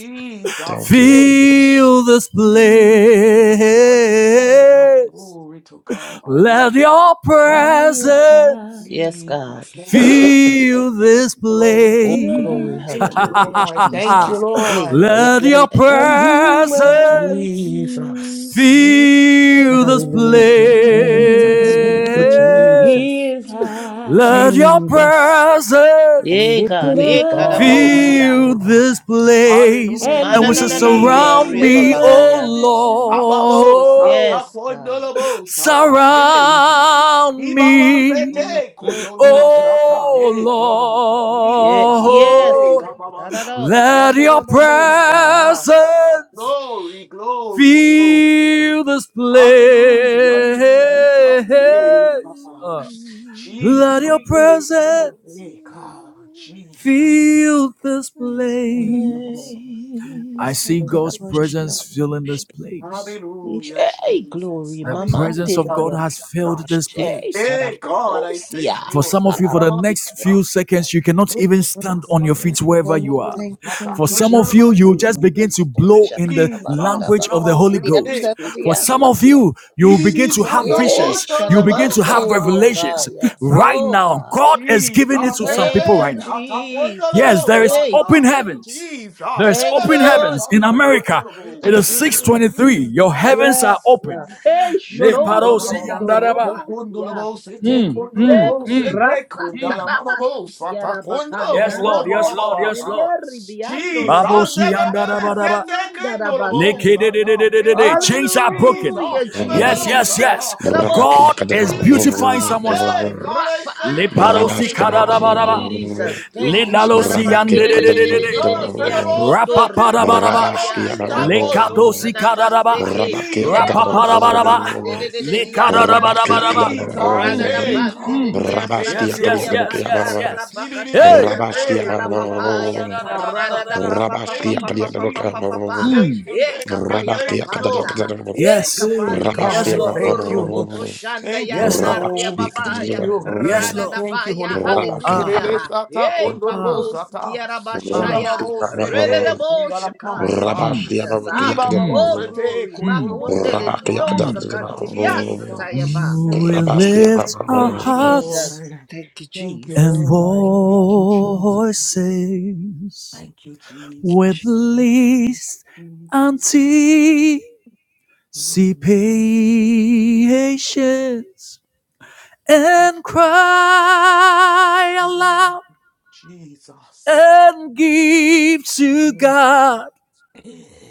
Speaker 5: Thank you,
Speaker 3: eh.
Speaker 5: Holy Ghost.
Speaker 1: Feel this
Speaker 4: Mm.
Speaker 3: Jesus, hallelujah.
Speaker 1: place.
Speaker 3: Glory to God.
Speaker 1: Let your
Speaker 3: Satan,
Speaker 2: He is high
Speaker 1: presence
Speaker 4: Yes,
Speaker 3: Jesus,
Speaker 4: God,
Speaker 3: thank
Speaker 4: fill
Speaker 3: you,
Speaker 4: it.
Speaker 2: and
Speaker 3: Lord.
Speaker 1: feel
Speaker 3: Thank
Speaker 1: this
Speaker 3: you, Lord.
Speaker 4: Oh,
Speaker 2: lifted
Speaker 4: glory,
Speaker 2: up,
Speaker 1: place.
Speaker 3: Thank you,
Speaker 4: hallelujah,
Speaker 3: Lord. Thank you,
Speaker 4: Jesus. Hey,
Speaker 3: Lord.
Speaker 4: yeah, yeah,
Speaker 1: Let
Speaker 4: yeah,
Speaker 1: your
Speaker 4: yeah,
Speaker 2: and He's
Speaker 1: presence
Speaker 2: worthy to
Speaker 3: Jesus.
Speaker 4: yeah.
Speaker 1: feel this
Speaker 4: Fill
Speaker 3: Hallelujah,
Speaker 4: this
Speaker 1: place.
Speaker 2: be
Speaker 3: Jesus. Thank
Speaker 2: praised.
Speaker 3: you,
Speaker 4: place.
Speaker 2: He
Speaker 3: Jesus.
Speaker 2: is high
Speaker 1: Let your
Speaker 3: Jesus.
Speaker 2: and
Speaker 4: Yeah,
Speaker 1: presence
Speaker 4: God,
Speaker 2: lifted
Speaker 3: Hey,
Speaker 4: yeah,
Speaker 3: God. Hey,
Speaker 2: up,
Speaker 4: Kadaboshia.
Speaker 1: feel
Speaker 3: God.
Speaker 1: this place
Speaker 2: and
Speaker 1: and which
Speaker 3: Hallelujah,
Speaker 1: shall
Speaker 4: Manananande,
Speaker 3: Jesus.
Speaker 1: surround
Speaker 2: He's
Speaker 4: Ria
Speaker 1: me,
Speaker 3: Hey,
Speaker 1: oh
Speaker 4: Babahaya.
Speaker 2: worthy to.
Speaker 3: Ababo,
Speaker 1: Lord.
Speaker 3: Sata,
Speaker 4: Yes, God.
Speaker 3: Kondolobo, Sata. Hey,
Speaker 1: Surround
Speaker 3: Ibaba,
Speaker 1: me,
Speaker 3: Pete,
Speaker 4: Mm-mm-mm.
Speaker 3: Kondolobo, Sata.
Speaker 1: oh
Speaker 3: Hey, God.
Speaker 4: Yeah,
Speaker 3: Jesus.
Speaker 4: yes,
Speaker 3: Hey,
Speaker 1: Lord.
Speaker 4: God. I
Speaker 3: Baba,
Speaker 4: don't
Speaker 3: Sata.
Speaker 4: know. She
Speaker 1: Let
Speaker 4: under
Speaker 1: your
Speaker 4: the most, huh?
Speaker 1: presence
Speaker 3: Jesus. Glory, glory, glory.
Speaker 1: fill this place.
Speaker 3: Hallelujah, Jesus, hey God,
Speaker 1: Uh,
Speaker 3: Jesus,
Speaker 1: let your
Speaker 3: it is
Speaker 1: presence
Speaker 3: hey God, Jesus.
Speaker 1: fill this
Speaker 4: This
Speaker 3: Thank
Speaker 1: place.
Speaker 3: you, Lord. Hey,
Speaker 1: I
Speaker 4: place,
Speaker 3: God,
Speaker 4: oh
Speaker 1: see
Speaker 3: thank
Speaker 4: God,
Speaker 1: God's
Speaker 3: you.
Speaker 4: I'm ashamed of
Speaker 1: presence filling this place.
Speaker 4: you.
Speaker 3: Hallelujah,
Speaker 4: Hey,
Speaker 3: Jesus,
Speaker 4: glory,
Speaker 1: The
Speaker 4: Mama,
Speaker 1: presence
Speaker 4: did
Speaker 1: of
Speaker 3: hallelujah,
Speaker 1: God
Speaker 4: it,
Speaker 1: has filled
Speaker 3: Jesus.
Speaker 1: this
Speaker 4: Hey,
Speaker 1: place.
Speaker 4: God, I'm
Speaker 3: Hey God, I
Speaker 4: ashamed.
Speaker 3: thank
Speaker 1: For
Speaker 3: you.
Speaker 1: some of you, for the next few seconds, you cannot even stand on your feet wherever
Speaker 4: Thank
Speaker 1: you
Speaker 4: you,
Speaker 1: are.
Speaker 4: thank you,
Speaker 1: For
Speaker 4: thank you,
Speaker 1: some of you,
Speaker 4: Jesus.
Speaker 1: you just
Speaker 4: Yeah,
Speaker 1: begin to
Speaker 4: I'm
Speaker 1: blow
Speaker 4: ashamed.
Speaker 1: in the
Speaker 4: God,
Speaker 1: language of the Holy
Speaker 4: I'm
Speaker 1: Ghost. For
Speaker 3: Jesus,
Speaker 1: some
Speaker 4: ashamed.
Speaker 1: of you, you begin
Speaker 3: Bibibi
Speaker 1: to have
Speaker 3: saka
Speaker 4: Yes,
Speaker 1: visions. You begin
Speaker 3: bondolobo
Speaker 1: to have
Speaker 4: Shanamande
Speaker 3: saka.
Speaker 1: revelations.
Speaker 4: Diabaya.
Speaker 3: Sa.
Speaker 1: Right
Speaker 4: Oh
Speaker 1: now,
Speaker 4: God.
Speaker 1: God is giving it
Speaker 3: Jesus
Speaker 1: to some people
Speaker 4: Thank you,
Speaker 1: right
Speaker 3: ebebe
Speaker 1: now.
Speaker 3: sata
Speaker 4: Jesus.
Speaker 1: Yes,
Speaker 3: bondolobo
Speaker 1: there is
Speaker 4: Hey,
Speaker 1: open
Speaker 3: sata.
Speaker 1: heavens. There
Speaker 3: Jesus
Speaker 1: is
Speaker 4: thank you,
Speaker 1: open
Speaker 3: ebebe
Speaker 4: Lord.
Speaker 1: heavens in
Speaker 3: sata
Speaker 1: America.
Speaker 3: bondolobo.
Speaker 1: It is 623. Your heavens
Speaker 3: Jesus.
Speaker 4: Yes.
Speaker 1: are
Speaker 4: God.
Speaker 1: open.
Speaker 4: Hey,
Speaker 3: Mm, ba, ba, ba, ba,
Speaker 4: Shodosiando
Speaker 3: soto
Speaker 4: Robosia.
Speaker 3: kondolobo, sete
Speaker 4: Ye
Speaker 3: kondolobo, sete
Speaker 4: Korasa
Speaker 3: kondala, ma, ba, bo, sata
Speaker 4: Tarabasikiara
Speaker 3: kondolobo,
Speaker 1: Yes,
Speaker 4: Bahanda
Speaker 3: bo,
Speaker 1: Lord.
Speaker 3: bo,
Speaker 1: Yes,
Speaker 3: ba, ba,
Speaker 1: Lord.
Speaker 3: ba,
Speaker 1: Yes,
Speaker 4: Ramosiende
Speaker 3: ha.
Speaker 1: Lord.
Speaker 4: Ribiando
Speaker 3: Jesus,
Speaker 1: Babosi
Speaker 4: Robosianda
Speaker 3: ebebe,
Speaker 1: andarabadaba.
Speaker 3: sete
Speaker 4: Ramanda
Speaker 3: kondolobo,
Speaker 1: leke
Speaker 4: Rabasi.
Speaker 1: de de de
Speaker 3: sata,
Speaker 1: de de de
Speaker 3: heka.
Speaker 1: Chains are broken.
Speaker 4: Hallelujah,
Speaker 3: Jesus, ebebe,
Speaker 1: Yes, yes,
Speaker 4: Jesus.
Speaker 3: sata.
Speaker 1: yes.
Speaker 5: Rabakaya
Speaker 1: God is
Speaker 4: Yeraboshakaya.
Speaker 1: beautifying
Speaker 3: Jesus,
Speaker 1: someone's life.
Speaker 3: hey
Speaker 5: Kadabu.
Speaker 3: God, I
Speaker 4: Rapa.
Speaker 3: thank you.
Speaker 1: Leparosi
Speaker 3: We
Speaker 5: Rabashki
Speaker 3: live
Speaker 4: Thank you,
Speaker 5: Ababu.
Speaker 3: above,
Speaker 1: kadarabaraba.
Speaker 3: song. Hey
Speaker 4: Jesus. Thank you,
Speaker 3: God.
Speaker 1: Lendalosi
Speaker 4: Shanamandi.
Speaker 5: Rabakaya
Speaker 1: yandedededede.
Speaker 3: Jesus, remember,
Speaker 5: Kadabu.
Speaker 4: Sondo
Speaker 3: Sati, Kondo,
Speaker 1: Rapaparabaraba.
Speaker 3: Rabo,
Speaker 5: Rabakia
Speaker 4: Raparia.
Speaker 3: Sita, Kondo.
Speaker 1: Lekadosi kadaraba.
Speaker 4: Anamaseke,
Speaker 5: Rabakia Kadaba
Speaker 4: yeko
Speaker 3: Jesus,
Speaker 1: Rapaparabaraba.
Speaker 4: shanamande de de de dia
Speaker 3: Jesus,
Speaker 5: Rabakia
Speaker 4: santa.
Speaker 1: Lekadarabaraba.
Speaker 3: Jesus,
Speaker 4: Rada
Speaker 1: Mm,
Speaker 4: da
Speaker 5: Kadaba
Speaker 3: hey
Speaker 1: mm,
Speaker 4: bandi
Speaker 3: God,
Speaker 4: de
Speaker 1: mm.
Speaker 3: I
Speaker 4: dia
Speaker 3: thank
Speaker 5: Rabaskia
Speaker 1: Yes, yes,
Speaker 4: saturia
Speaker 3: you.
Speaker 1: yes,
Speaker 5: Kadiadabokia
Speaker 4: banda
Speaker 1: yes, yes.
Speaker 3: Ni, ni, ni, ni,
Speaker 4: rabakataya
Speaker 1: Hey!
Speaker 3: se,
Speaker 5: Rabaskia
Speaker 3: te,
Speaker 4: kakanta la
Speaker 3: Kondo, Rabo,
Speaker 4: papaya. Rada
Speaker 3: Sita.
Speaker 4: da papa papa
Speaker 3: Thank
Speaker 5: Rabaskia
Speaker 3: you,
Speaker 4: papa papa papa
Speaker 3: Jesus.
Speaker 5: Kadiadabokia
Speaker 4: papa.
Speaker 3: Thank
Speaker 1: Mm.
Speaker 3: you,
Speaker 4: E
Speaker 3: thank you,
Speaker 4: kapaya
Speaker 3: thank
Speaker 5: Rabakia
Speaker 4: papanta.
Speaker 3: you.
Speaker 5: Kadadakadabo
Speaker 4: E
Speaker 1: Yes.
Speaker 3: Hey
Speaker 4: kapandia
Speaker 3: God,
Speaker 1: Yes,
Speaker 5: Rabaskia
Speaker 3: I
Speaker 1: Lord.
Speaker 4: sundo
Speaker 3: thank you.
Speaker 4: roboko shanda
Speaker 3: Thank you,
Speaker 1: Yes,
Speaker 3: Holy
Speaker 1: Lord.
Speaker 4: yandaria
Speaker 5: Rabaskia
Speaker 3: Ghost. Thank
Speaker 4: babaya.
Speaker 3: you.
Speaker 1: Yes,
Speaker 4: Rada da
Speaker 1: Lord.
Speaker 3: Thank you, Holy
Speaker 4: baya
Speaker 3: Ghost.
Speaker 5: Rabakia
Speaker 1: Ah,
Speaker 5: Kadaba
Speaker 3: Ebebe
Speaker 4: hallelujah.
Speaker 3: sata
Speaker 4: E
Speaker 3: kondolobo
Speaker 4: papos
Speaker 3: sata. Biba
Speaker 1: ah.
Speaker 4: kiarabashaya.
Speaker 3: babo
Speaker 4: Rada da
Speaker 3: sete
Speaker 4: bo
Speaker 3: kundalama
Speaker 4: shakaya
Speaker 3: sa.
Speaker 1: Mm,
Speaker 5: Rabaskia Rabaskia
Speaker 4: Jesus. Ah.
Speaker 3: Biba
Speaker 1: mm,
Speaker 3: babo
Speaker 4: Oh,
Speaker 5: Rabaskia
Speaker 3: sete
Speaker 4: glory.
Speaker 1: mm.
Speaker 3: kondolobo
Speaker 4: Makundele
Speaker 5: Rabashia
Speaker 3: sata.
Speaker 4: Diosa Cantiliasa
Speaker 5: Rabashia
Speaker 4: Tayaba.
Speaker 3: Jesus.
Speaker 1: We
Speaker 3: Thank you.
Speaker 5: Rabashia
Speaker 1: lift our
Speaker 4: You
Speaker 3: Thank you,
Speaker 1: hearts
Speaker 4: Jesus.
Speaker 3: Lord.
Speaker 4: Thank you,
Speaker 3: Thank you,
Speaker 4: Jesus.
Speaker 1: and
Speaker 3: Lord. Thank you, Jesus.
Speaker 1: voices
Speaker 3: Thank you,
Speaker 1: with
Speaker 3: Jesus. Thank
Speaker 1: least
Speaker 3: you, Jesus.
Speaker 1: until see patience and
Speaker 3: Mm.
Speaker 1: cry aloud
Speaker 3: Jesus.
Speaker 1: and give to
Speaker 3: Mm.
Speaker 1: God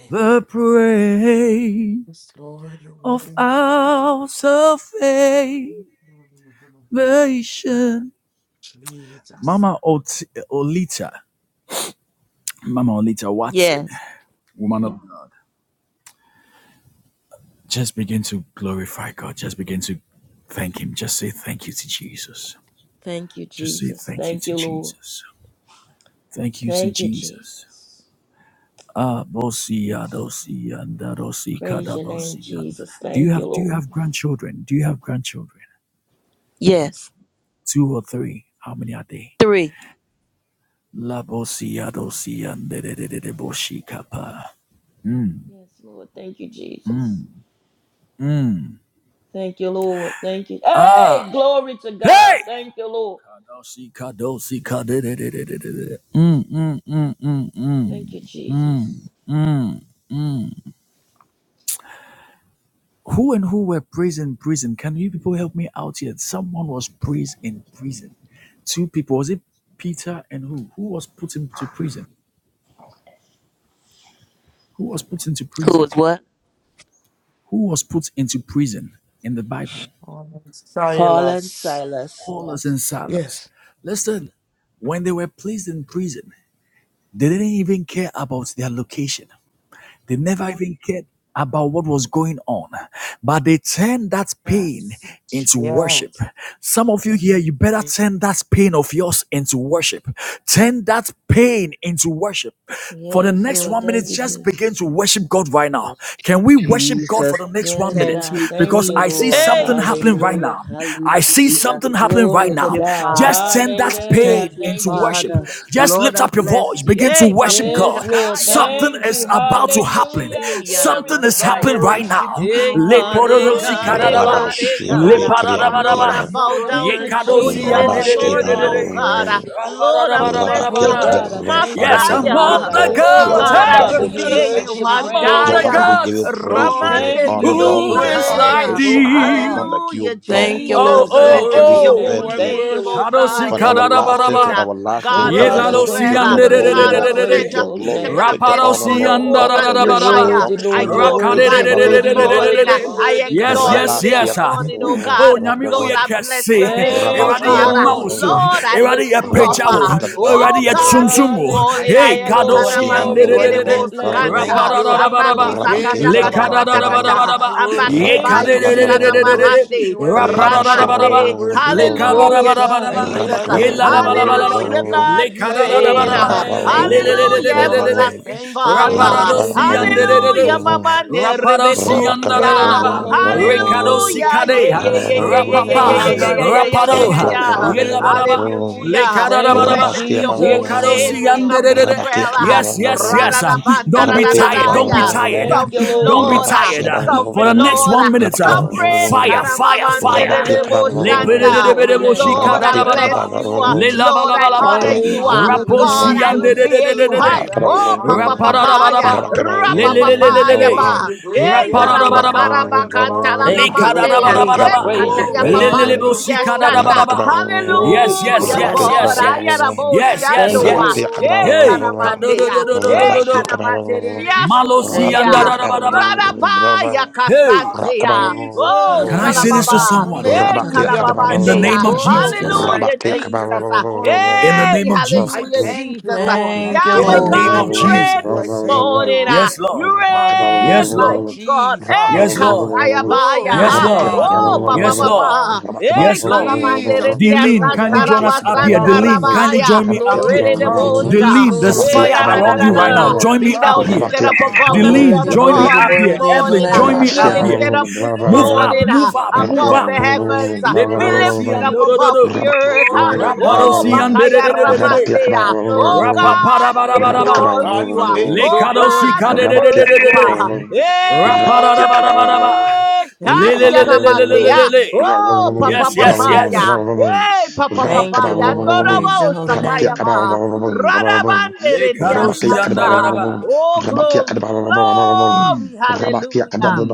Speaker 1: the praise.
Speaker 3: Yes, Lord, you're
Speaker 1: of
Speaker 3: worthy.
Speaker 1: our salvation.
Speaker 3: Jesus.
Speaker 1: Mama Ot- Olita, Mama Olita Watson,
Speaker 2: Yes.
Speaker 1: woman of God, just begin to glorify God. Just begin to thank Him. Just say thank you to Jesus.
Speaker 2: Thank you,
Speaker 1: Just say
Speaker 2: Jesus.
Speaker 1: thank you
Speaker 2: Thank
Speaker 1: to
Speaker 2: you, Lord.
Speaker 1: Jesus. Thank you to
Speaker 2: Thank you,
Speaker 1: Jesus.
Speaker 2: Jesus.
Speaker 1: Ah, bosi
Speaker 2: Thank you.
Speaker 1: adosi anda dosi
Speaker 2: Praise
Speaker 1: kada
Speaker 2: your name,
Speaker 1: bosi anda.
Speaker 2: Jesus.
Speaker 1: Do you
Speaker 2: Thank you,
Speaker 1: have Do you
Speaker 2: Lord.
Speaker 1: have grandchildren? Do you have grandchildren?
Speaker 2: Yes.
Speaker 1: Two or three? How many are they?
Speaker 2: Three.
Speaker 1: La bosia dosia de de de de de boshikapa. Mm,
Speaker 2: Yes, Lord. Thank you, Jesus.
Speaker 1: mm, mm.
Speaker 2: Thank you, Lord. Thank you. Hey,
Speaker 1: Ah,
Speaker 2: glory to God.
Speaker 1: hey!
Speaker 2: Thank you, Lord.
Speaker 1: Kadosi kadosi de de de de de de. Mm, mm, mm, mm,
Speaker 2: Thank
Speaker 1: mm,
Speaker 2: you,
Speaker 1: mm,
Speaker 2: Jesus.
Speaker 1: mm. Mm. Who and who were praised in prison? Can you people help me out here? Someone was praised in prison. Two people. Was it Peter and who? Who was put into prison? Who was put into
Speaker 2: Who
Speaker 1: prison?
Speaker 2: is what?
Speaker 1: Who was put into prison in the Bible?
Speaker 3: Oh, sorry,
Speaker 4: Paul and Silas.
Speaker 1: Paulus and Silas.
Speaker 3: Yes.
Speaker 1: Listen, when they were placed in prison, they didn't even care about their location. They never even cared about what was going on. But they turned that pain
Speaker 3: Yes.
Speaker 1: into
Speaker 3: Yeah. Lord,
Speaker 1: worship. Some of you here, you better turn that pain of yours into worship. Turn that pain into worship. For the
Speaker 2: Yes,
Speaker 1: next
Speaker 2: Lord.
Speaker 1: one minute,
Speaker 2: Thank you,
Speaker 1: just begin
Speaker 2: Jesus.
Speaker 1: to worship God right now. Can we worship God
Speaker 4: Jesus.
Speaker 1: for the next one
Speaker 2: Yes,
Speaker 1: minute?
Speaker 4: Thank
Speaker 2: God.
Speaker 4: you,
Speaker 2: Thank
Speaker 1: Because
Speaker 2: you,
Speaker 1: I
Speaker 4: Jesus.
Speaker 1: see
Speaker 2: Lord.
Speaker 4: Hey,
Speaker 1: something happening right
Speaker 4: glory.
Speaker 2: Hallelujah.
Speaker 1: now. I see
Speaker 4: Hallelujah.
Speaker 1: something happening right
Speaker 2: Glory
Speaker 4: Thank
Speaker 2: to
Speaker 4: you,
Speaker 1: now.
Speaker 2: God.
Speaker 1: Just
Speaker 4: Father.
Speaker 1: turn that
Speaker 2: Hallelujah.
Speaker 1: pain
Speaker 4: Thank you,
Speaker 1: into
Speaker 2: Thank you,
Speaker 1: worship.
Speaker 4: Father.
Speaker 2: Jesus.
Speaker 1: Just
Speaker 4: Lord,
Speaker 1: lift
Speaker 4: I
Speaker 1: up your voice.
Speaker 4: bless you.
Speaker 1: Begin to
Speaker 4: Hey,
Speaker 3: I
Speaker 1: worship
Speaker 4: Babu
Speaker 2: Yes,
Speaker 1: God.
Speaker 3: worship
Speaker 2: Lord.
Speaker 3: you. I worship you, I
Speaker 4: Shakaya.
Speaker 1: Something
Speaker 2: Thank
Speaker 1: is
Speaker 2: you.
Speaker 3: worship you, I
Speaker 1: about to happen.
Speaker 3: worship
Speaker 2: Hallelujah.
Speaker 4: Hey,
Speaker 3: you,
Speaker 4: Yana
Speaker 2: Glory
Speaker 1: Something
Speaker 2: to
Speaker 1: is
Speaker 2: God.
Speaker 1: happening
Speaker 4: Messiah.
Speaker 1: right now.
Speaker 4: Hey,
Speaker 3: Lord.
Speaker 4: God,
Speaker 3: I
Speaker 4: hey, God,
Speaker 2: Thank
Speaker 3: worship
Speaker 4: hey,
Speaker 2: you,
Speaker 3: you.
Speaker 4: God,
Speaker 2: Lord.
Speaker 4: hey,
Speaker 5: Rabashia
Speaker 4: God. Uh,
Speaker 3: Oh God, let
Speaker 4: Lord,
Speaker 3: my
Speaker 4: I
Speaker 5: Rabashia
Speaker 4: bow
Speaker 3: sorrows
Speaker 2: Thank
Speaker 4: down
Speaker 3: turn
Speaker 2: you,
Speaker 3: into
Speaker 4: before
Speaker 3: joy.
Speaker 4: you this
Speaker 2: Jesus.
Speaker 3: Oh
Speaker 4: morning,
Speaker 3: God, I
Speaker 4: oh God. Uh,
Speaker 3: worship you.
Speaker 4: Lord, I bless your
Speaker 2: Oh
Speaker 4: whole
Speaker 2: God, I
Speaker 3: Worship
Speaker 5: Rabashia.
Speaker 3: you,
Speaker 2: thank
Speaker 3: I
Speaker 2: you
Speaker 5: Father,
Speaker 2: on
Speaker 1: Yes,
Speaker 2: the
Speaker 5: you are
Speaker 1: among
Speaker 2: day,
Speaker 3: worship
Speaker 5: great,
Speaker 2: Lord.
Speaker 4: Messiah.
Speaker 2: I
Speaker 3: you,
Speaker 1: the
Speaker 3: O
Speaker 2: lift
Speaker 5: Lord.
Speaker 4: Oh
Speaker 5: You
Speaker 2: you
Speaker 5: are
Speaker 1: gods.
Speaker 3: God.
Speaker 2: up,
Speaker 4: God, I
Speaker 1: Hey,
Speaker 2: Father.
Speaker 5: wonderful,
Speaker 2: You're
Speaker 4: revere
Speaker 3: Jesus, I
Speaker 4: you,
Speaker 2: worthy to
Speaker 3: give you
Speaker 5: Jesus.
Speaker 3: the
Speaker 1: among
Speaker 2: praise.
Speaker 1: the
Speaker 5: Jehovah,
Speaker 3: glory.
Speaker 4: Andaya.
Speaker 5: we give you
Speaker 1: gods.
Speaker 5: praise. We
Speaker 3: Lord,
Speaker 5: give
Speaker 3: I
Speaker 5: you
Speaker 2: Thank
Speaker 3: give
Speaker 4: Ramande
Speaker 5: honor,
Speaker 2: you,
Speaker 3: you the
Speaker 4: Dios
Speaker 5: Lord. We
Speaker 1: Who
Speaker 5: give you
Speaker 1: is
Speaker 2: Jesus.
Speaker 1: like
Speaker 4: Sakaya.
Speaker 3: praise, O
Speaker 5: adoration. That is
Speaker 1: thee?
Speaker 5: not
Speaker 3: God.
Speaker 5: like
Speaker 4: Hallelujah,
Speaker 5: you, God,
Speaker 2: Thank you,
Speaker 5: Lord.
Speaker 4: Jesus.
Speaker 1: Oh,
Speaker 5: That
Speaker 3: Jesus,
Speaker 2: Lord.
Speaker 5: is
Speaker 3: I
Speaker 1: oh,
Speaker 5: not
Speaker 2: Praise
Speaker 5: to
Speaker 4: Blessed
Speaker 2: your
Speaker 5: be
Speaker 4: be
Speaker 2: holy
Speaker 4: your
Speaker 3: worship
Speaker 1: oh.
Speaker 3: you,
Speaker 5: compared
Speaker 2: name.
Speaker 4: holy
Speaker 3: I
Speaker 5: to you.
Speaker 2: Thank you,
Speaker 4: name, oh
Speaker 2: Lord.
Speaker 3: worship you,
Speaker 4: God,
Speaker 3: I
Speaker 1: Kadosi
Speaker 5: from
Speaker 4: this
Speaker 1: kadada
Speaker 3: worship
Speaker 5: everlasting
Speaker 4: morning.
Speaker 3: you,
Speaker 5: to
Speaker 1: baraba.
Speaker 4: Ah,
Speaker 2: Oh
Speaker 5: everlasting.
Speaker 4: God
Speaker 5: You
Speaker 4: of
Speaker 2: God, I
Speaker 1: Yezlalo
Speaker 5: alone
Speaker 3: worship
Speaker 2: thank
Speaker 3: you,
Speaker 1: si
Speaker 4: Israel,
Speaker 3: I
Speaker 2: you
Speaker 5: take
Speaker 2: on
Speaker 4: ah,
Speaker 5: your
Speaker 1: ande
Speaker 2: the
Speaker 1: de
Speaker 2: day,
Speaker 1: de
Speaker 5: glory,
Speaker 3: worship
Speaker 2: Lord.
Speaker 4: God
Speaker 2: I
Speaker 4: of
Speaker 3: you.
Speaker 5: Lord.
Speaker 2: praise
Speaker 5: Take
Speaker 2: your
Speaker 4: Shadrach,
Speaker 5: your
Speaker 2: holy
Speaker 4: Meshach,
Speaker 5: glory.
Speaker 2: name.
Speaker 4: and
Speaker 3: Hey,
Speaker 5: Take the honor,
Speaker 4: Abednego,
Speaker 3: God,
Speaker 1: si
Speaker 4: the
Speaker 3: you
Speaker 5: Lord.
Speaker 1: anda
Speaker 4: fourth
Speaker 5: All
Speaker 3: are
Speaker 4: man burn in the
Speaker 3: worthy,
Speaker 2: You're
Speaker 3: thou
Speaker 5: adoration
Speaker 3: art
Speaker 4: fire.
Speaker 2: worthy,
Speaker 5: belongs
Speaker 3: worthy,
Speaker 5: to
Speaker 4: I
Speaker 5: you,
Speaker 2: Lord. You're
Speaker 3: thou art
Speaker 5: Lord.
Speaker 1: Rakade
Speaker 2: worthy.
Speaker 5: Rish
Speaker 4: glorify
Speaker 2: You're
Speaker 3: worthy,
Speaker 4: you
Speaker 5: kababa
Speaker 3: thou
Speaker 5: ya
Speaker 4: this
Speaker 2: worthy.
Speaker 3: art
Speaker 2: You're
Speaker 5: kaliyaba.
Speaker 3: worthy,
Speaker 4: morning.
Speaker 2: worthy.
Speaker 3: O
Speaker 4: I
Speaker 2: You're
Speaker 4: I
Speaker 3: God.
Speaker 2: worthy to
Speaker 1: Yes,
Speaker 4: exalt you
Speaker 1: yes,
Speaker 2: praise,
Speaker 4: this
Speaker 2: Lord.
Speaker 1: yes.
Speaker 5: Rabastiya ba-
Speaker 1: ah.
Speaker 5: ba-
Speaker 3: Jesus,
Speaker 4: morning,
Speaker 3: we
Speaker 4: oh
Speaker 1: Oh,
Speaker 3: lift
Speaker 4: God.
Speaker 5: ba- ba- ba-
Speaker 3: it
Speaker 1: nyami
Speaker 3: up
Speaker 4: Lord,
Speaker 1: uye
Speaker 5: ba.
Speaker 4: I bless
Speaker 1: kese.
Speaker 3: above
Speaker 4: your
Speaker 3: all
Speaker 4: name,
Speaker 3: other
Speaker 4: oh
Speaker 2: Thank
Speaker 1: Eradi
Speaker 2: you,
Speaker 5: Rabastiya
Speaker 1: ye
Speaker 3: God
Speaker 4: God.
Speaker 5: ba- ba-
Speaker 3: this
Speaker 2: Lord.
Speaker 1: mausu.
Speaker 4: Lord,
Speaker 3: morning.
Speaker 4: I
Speaker 1: Eradi
Speaker 4: lift
Speaker 1: ye
Speaker 4: you up.
Speaker 3: Oh,
Speaker 1: pejawo.
Speaker 4: ah.
Speaker 3: God, we thank
Speaker 1: Eradi
Speaker 4: Oh
Speaker 1: ye
Speaker 3: you.
Speaker 4: God, this
Speaker 1: tsumsumu.
Speaker 3: I
Speaker 4: morning
Speaker 2: Hallelujah.
Speaker 1: Hey,
Speaker 4: I
Speaker 3: thank
Speaker 1: kado
Speaker 3: you, I
Speaker 4: elikana
Speaker 1: si ande
Speaker 3: thank
Speaker 2: Glory
Speaker 1: de
Speaker 3: you,
Speaker 2: to
Speaker 4: maseke
Speaker 1: de
Speaker 3: I
Speaker 2: the
Speaker 4: de
Speaker 1: de de.
Speaker 2: Na-
Speaker 3: thank you, I
Speaker 2: Lamb of
Speaker 3: thank
Speaker 4: bosakanta.
Speaker 1: Rapada
Speaker 2: God.
Speaker 1: da
Speaker 3: you.
Speaker 4: I
Speaker 1: da ba
Speaker 2: Thank
Speaker 1: da
Speaker 2: you,
Speaker 1: ba.
Speaker 2: Lord.
Speaker 4: magnify
Speaker 3: Hey,
Speaker 4: kata
Speaker 3: Baba
Speaker 4: kata
Speaker 1: Lekada da
Speaker 4: kata
Speaker 1: da ba
Speaker 3: Basata,
Speaker 4: kata.
Speaker 3: I
Speaker 4: I
Speaker 3: worship
Speaker 2: Thank
Speaker 4: magnify
Speaker 3: you,
Speaker 2: you,
Speaker 4: kushana
Speaker 3: I
Speaker 2: Jesus.
Speaker 3: worship
Speaker 4: mahande
Speaker 3: you, I live,
Speaker 1: Rapada
Speaker 3: oh
Speaker 1: da da ba da
Speaker 3: God,
Speaker 1: ba.
Speaker 3: to
Speaker 4: ranmande.
Speaker 3: worship you.
Speaker 2: Oh
Speaker 4: Hallelujah,
Speaker 2: God,
Speaker 3: I
Speaker 2: I
Speaker 3: live,
Speaker 2: thank
Speaker 4: Jesus.
Speaker 3: I
Speaker 2: you.
Speaker 3: live to
Speaker 1: la la
Speaker 3: worship
Speaker 4: Hallelujah,
Speaker 3: you.
Speaker 1: Le
Speaker 4: God, you
Speaker 2: Praise your
Speaker 3: Oh
Speaker 4: reign.
Speaker 2: holy
Speaker 1: kadadadabaraba.
Speaker 3: God,
Speaker 4: ah.
Speaker 3: I
Speaker 2: name.
Speaker 1: Le
Speaker 3: thank
Speaker 4: Hallelujah.
Speaker 1: le
Speaker 3: you
Speaker 1: le
Speaker 3: for the
Speaker 5: Brabakabon,
Speaker 1: le le
Speaker 4: Hallelujah,
Speaker 1: le le le
Speaker 3: cross.
Speaker 1: le.
Speaker 3: I
Speaker 4: everlasting
Speaker 3: thank you,
Speaker 2: Praise
Speaker 3: Lord,
Speaker 2: your
Speaker 4: Father.
Speaker 2: holy
Speaker 1: Rapadosi
Speaker 3: for
Speaker 2: name,
Speaker 1: ande
Speaker 3: your
Speaker 1: de de de.
Speaker 3: guilty
Speaker 4: Hallelujah,
Speaker 2: Jesus.
Speaker 4: Mama
Speaker 3: hands.
Speaker 4: de
Speaker 3: I thank you
Speaker 1: Rapadosi
Speaker 3: for being so
Speaker 2: Praise
Speaker 4: Rebecosia.
Speaker 2: your
Speaker 3: good.
Speaker 2: holy name.
Speaker 1: rekado si
Speaker 3: Oh
Speaker 4: Hallelujah, yeah,
Speaker 3: God,
Speaker 1: kadea.
Speaker 4: yeah,
Speaker 3: you're a
Speaker 4: yeah,
Speaker 3: good,
Speaker 4: yeah, yeah, yeah,
Speaker 3: good
Speaker 1: Rapapa.
Speaker 4: yeah,
Speaker 2: Thank you,
Speaker 4: yeah, yeah,
Speaker 3: Father. I
Speaker 2: Lord.
Speaker 4: yeah, yeah, yeah, yeah,
Speaker 3: worship
Speaker 4: yeah.
Speaker 1: Rapadoha.
Speaker 3: you.
Speaker 4: yeah.
Speaker 1: Yelabalaba.
Speaker 3: Hallelujah,
Speaker 1: Le
Speaker 4: Hallelujah.
Speaker 2: Thank
Speaker 3: Jesus.
Speaker 2: you,
Speaker 1: kadadabadaba.
Speaker 4: Blessed be
Speaker 5: Rabakia
Speaker 4: your
Speaker 3: Thank
Speaker 4: holy
Speaker 3: you,
Speaker 2: Jesus.
Speaker 4: name,
Speaker 1: Yekadosi
Speaker 4: King
Speaker 1: ande
Speaker 3: Lord.
Speaker 4: of
Speaker 1: de de de.
Speaker 4: Israel.
Speaker 1: Yes, yes,
Speaker 3: Thank you,
Speaker 1: yes.
Speaker 4: Radadabanda,
Speaker 1: Don't
Speaker 3: Jesus.
Speaker 1: be
Speaker 3: I
Speaker 2: Glory
Speaker 1: tired.
Speaker 2: to
Speaker 1: Don't
Speaker 3: thank
Speaker 1: be
Speaker 4: radadadaya.
Speaker 2: God.
Speaker 3: you. I
Speaker 1: tired.
Speaker 2: Thank
Speaker 3: thank
Speaker 2: you,
Speaker 3: you.
Speaker 4: Sovereign
Speaker 3: I
Speaker 2: Lord.
Speaker 1: Don't be
Speaker 4: Lord,
Speaker 3: worship
Speaker 4: ah,
Speaker 1: tired.
Speaker 3: you.
Speaker 1: For
Speaker 4: Sovereign
Speaker 1: the
Speaker 3: I
Speaker 1: next
Speaker 4: Lord,
Speaker 1: one
Speaker 4: uh,
Speaker 3: worship
Speaker 1: minute, uh,
Speaker 3: you. I
Speaker 4: Sovereign
Speaker 3: worship
Speaker 1: fire,
Speaker 3: you. I
Speaker 1: fire,
Speaker 3: worship
Speaker 1: fire.
Speaker 3: you.
Speaker 2: Thank you, Lord.
Speaker 3: Break
Speaker 2: Praise
Speaker 3: my
Speaker 2: your
Speaker 4: Karamamandedeboshanda.
Speaker 2: holy
Speaker 3: heart to
Speaker 2: name.
Speaker 3: be
Speaker 4: Lord, I
Speaker 3: overwhelmed,
Speaker 4: bless you.
Speaker 3: Lord.
Speaker 4: uh,
Speaker 3: Lead me
Speaker 4: Lord,
Speaker 3: to
Speaker 4: I
Speaker 3: the
Speaker 4: honor
Speaker 3: rock.
Speaker 4: you.
Speaker 2: Praise your
Speaker 4: uh,
Speaker 2: holy
Speaker 3: Hallelujah.
Speaker 4: God,
Speaker 2: name,
Speaker 4: I
Speaker 2: Jesus.
Speaker 4: revere
Speaker 3: The
Speaker 4: you.
Speaker 3: rock
Speaker 4: Hi.
Speaker 5: Rabak
Speaker 3: that is
Speaker 4: Oh,
Speaker 3: higher
Speaker 4: papa
Speaker 3: than I this
Speaker 4: papaya. Rabba
Speaker 3: morning. You
Speaker 4: papaya
Speaker 3: are
Speaker 4: ba.
Speaker 3: the great
Speaker 4: Eh,
Speaker 3: I am, O God. You're the morning,
Speaker 2: Thank you, Lord.
Speaker 4: yarabakarabakantalamamandeya.
Speaker 3: Lord.
Speaker 2: Praise you,
Speaker 4: Eh,
Speaker 2: praise you,
Speaker 4: kataya
Speaker 3: Oh
Speaker 2: praise
Speaker 3: God,
Speaker 2: you.
Speaker 3: when the
Speaker 4: papantiria
Speaker 3: glory
Speaker 4: shanda.
Speaker 3: comes,
Speaker 2: Glory
Speaker 3: oh
Speaker 1: Yes,
Speaker 2: be to
Speaker 1: yes,
Speaker 2: the
Speaker 4: Hallelujah,
Speaker 1: yes,
Speaker 2: Lamb of
Speaker 4: God.
Speaker 3: God.
Speaker 1: yes,
Speaker 2: God.
Speaker 1: yes. Yes,
Speaker 3: Bury
Speaker 1: yes,
Speaker 2: Thank
Speaker 4: Ayaraboshiando.
Speaker 2: you,
Speaker 3: me,
Speaker 4: ah.
Speaker 2: Lord.
Speaker 1: yes.
Speaker 3: O
Speaker 4: Eh,
Speaker 3: God,
Speaker 1: Hey,
Speaker 3: when the
Speaker 1: do do
Speaker 4: kanamandeya.
Speaker 1: do do do
Speaker 3: glory
Speaker 4: Eh,
Speaker 1: do do.
Speaker 3: comes.
Speaker 4: kanamanderidia
Speaker 3: Hey, ba, ba, ba,
Speaker 1: Malosi
Speaker 2: Thank you,
Speaker 1: yanda
Speaker 3: shout
Speaker 1: da
Speaker 4: suturia.
Speaker 1: da
Speaker 2: Lord.
Speaker 1: da ba da
Speaker 3: out to
Speaker 1: ba.
Speaker 3: the
Speaker 4: Radabaya Kasante.
Speaker 1: Hey,
Speaker 3: Jesus,
Speaker 4: Ekeya. Oh,
Speaker 3: Jesus,
Speaker 1: can
Speaker 2: Ah,
Speaker 1: I
Speaker 2: ba,
Speaker 1: say
Speaker 2: ba,
Speaker 1: this to
Speaker 2: ba,
Speaker 3: Jesus.
Speaker 4: Shalababa.
Speaker 2: ba,
Speaker 1: someone?
Speaker 2: ba, sa,
Speaker 4: Eh,
Speaker 2: ta, da, da, da,
Speaker 3: Hallelujah.
Speaker 2: bo,
Speaker 1: In the
Speaker 2: sha,
Speaker 1: name
Speaker 4: Kalababandeya.
Speaker 1: of
Speaker 2: ta.
Speaker 3: Oh,
Speaker 2: Thank you,
Speaker 3: God,
Speaker 1: Jesus.
Speaker 2: Lord.
Speaker 3: I
Speaker 4: Hallelujah,
Speaker 3: thank you
Speaker 4: Jesus.
Speaker 3: this
Speaker 1: In the
Speaker 3: morning.
Speaker 4: Hey,
Speaker 1: name of
Speaker 3: I
Speaker 4: hallelujah,
Speaker 1: Jesus.
Speaker 3: thank you,
Speaker 4: Jesus.
Speaker 5: Rabakaya,
Speaker 3: Lord. I
Speaker 2: Thank you,
Speaker 1: In
Speaker 4: Yahweh
Speaker 1: the
Speaker 3: thank
Speaker 2: Lord.
Speaker 3: you.
Speaker 1: name
Speaker 4: God,
Speaker 3: I
Speaker 1: of
Speaker 4: you
Speaker 3: thank
Speaker 4: reign
Speaker 3: you.
Speaker 4: this
Speaker 3: I
Speaker 1: Jesus.
Speaker 3: thank
Speaker 4: morning.
Speaker 3: you.
Speaker 4: ah.
Speaker 1: Yes,
Speaker 4: You
Speaker 1: Lord. Yes,
Speaker 4: reign,
Speaker 3: Hallelujah.
Speaker 1: Lord.
Speaker 4: mighty God. Hey,
Speaker 1: Yes,
Speaker 3: Jesus.
Speaker 1: Lord.
Speaker 4: Kasaya Baya.
Speaker 3: Glory
Speaker 1: Yes,
Speaker 3: to
Speaker 4: Ha.
Speaker 1: Lord.
Speaker 2: Thank
Speaker 3: God.
Speaker 2: you,
Speaker 4: Oh,
Speaker 2: Lord.
Speaker 3: Glory
Speaker 4: Baba
Speaker 1: Yes,
Speaker 3: to
Speaker 1: Lord.
Speaker 3: God.
Speaker 4: Baba. Hey,
Speaker 1: Yes, Lord.
Speaker 4: Kalamandere
Speaker 3: Jesus, there
Speaker 4: Dia
Speaker 3: be
Speaker 1: Delene,
Speaker 3: no
Speaker 1: kindly
Speaker 3: more
Speaker 1: join us
Speaker 4: Santaraba
Speaker 1: up here.
Speaker 3: songs to
Speaker 1: Delene,
Speaker 3: sing
Speaker 1: kindly
Speaker 3: when the
Speaker 1: join
Speaker 4: Santarabahaya
Speaker 1: me up
Speaker 4: re
Speaker 3: glory
Speaker 1: here.
Speaker 4: de de
Speaker 2: Thank you,
Speaker 3: comes, when your
Speaker 4: sha
Speaker 1: Delene, there's
Speaker 2: Jesus.
Speaker 3: glory
Speaker 4: eh
Speaker 1: fire
Speaker 3: comes,
Speaker 1: around
Speaker 3: when
Speaker 1: you
Speaker 3: your
Speaker 1: right now.
Speaker 4: Eh-da-da-da-da-da-da.
Speaker 3: glory
Speaker 1: Join me
Speaker 4: Be
Speaker 1: up
Speaker 4: thou
Speaker 3: comes.
Speaker 1: here.
Speaker 4: lifted up above
Speaker 2: So
Speaker 3: Ah,
Speaker 4: every
Speaker 1: Delene,
Speaker 2: worthy,
Speaker 4: other
Speaker 1: join me
Speaker 2: worthy,
Speaker 4: God
Speaker 1: up
Speaker 4: this
Speaker 3: Jesus,
Speaker 1: here.
Speaker 2: worthy is the
Speaker 4: morning.
Speaker 1: Evelyn,
Speaker 4: ah.
Speaker 2: Lamb
Speaker 1: join
Speaker 2: of
Speaker 1: me
Speaker 4: Be
Speaker 1: up
Speaker 3: Lord.
Speaker 2: God.
Speaker 4: lifted
Speaker 1: here.
Speaker 4: up this
Speaker 3: Lord,
Speaker 1: Move
Speaker 3: I
Speaker 1: up,
Speaker 4: morning ah,
Speaker 1: move
Speaker 3: worship
Speaker 1: up,
Speaker 3: you, Name,
Speaker 1: move
Speaker 4: above the
Speaker 1: up.
Speaker 3: I
Speaker 4: heavens.
Speaker 3: worship
Speaker 4: ah.
Speaker 3: you, I
Speaker 4: Be
Speaker 1: Leparosi
Speaker 3: worship
Speaker 4: lifted
Speaker 1: and
Speaker 4: up
Speaker 1: do
Speaker 3: you.
Speaker 1: do do
Speaker 4: above
Speaker 1: do.
Speaker 4: the earth. ah.
Speaker 3: Lord, I thank
Speaker 4: Oh,
Speaker 3: you
Speaker 1: Raparosi
Speaker 3: for
Speaker 1: and
Speaker 3: the
Speaker 1: de de
Speaker 4: Bakaya
Speaker 1: de de
Speaker 3: cross,
Speaker 1: de
Speaker 3: I
Speaker 5: Rabakia,
Speaker 1: de.
Speaker 3: thank
Speaker 4: Ramandea.
Speaker 3: you.
Speaker 4: Oh
Speaker 1: Rapa
Speaker 5: Rabakia,
Speaker 1: para
Speaker 4: God, we
Speaker 1: bara bara bara.
Speaker 3: Oh,
Speaker 4: exalt
Speaker 3: God,
Speaker 4: you.
Speaker 3: for being
Speaker 4: ah.
Speaker 3: so
Speaker 4: Oh
Speaker 1: Lekadosi
Speaker 3: good.
Speaker 4: God, we
Speaker 5: Rabakia, Rabakia,
Speaker 4: worship her.
Speaker 3: Glory,
Speaker 1: kadededededede.
Speaker 4: Hey,
Speaker 3: glory, glory.
Speaker 1: Rapadadabadabadaba.
Speaker 4: ayana mandia.
Speaker 1: Lelelelelelelelele.
Speaker 3: Jesus,
Speaker 4: Oh, papa
Speaker 1: Yes,
Speaker 3: hallelujah.
Speaker 1: yes, yes.
Speaker 4: papaya. Hey, papa
Speaker 2: Thank you,
Speaker 4: papaya.
Speaker 2: Lord. Praise
Speaker 4: Noraba
Speaker 2: your holy
Speaker 4: osakaya
Speaker 2: name.
Speaker 4: ma. Radabande de dia
Speaker 1: Lekadosi
Speaker 4: santa.
Speaker 1: yandadadaba.
Speaker 4: Oh, glory, glory, hallelujah.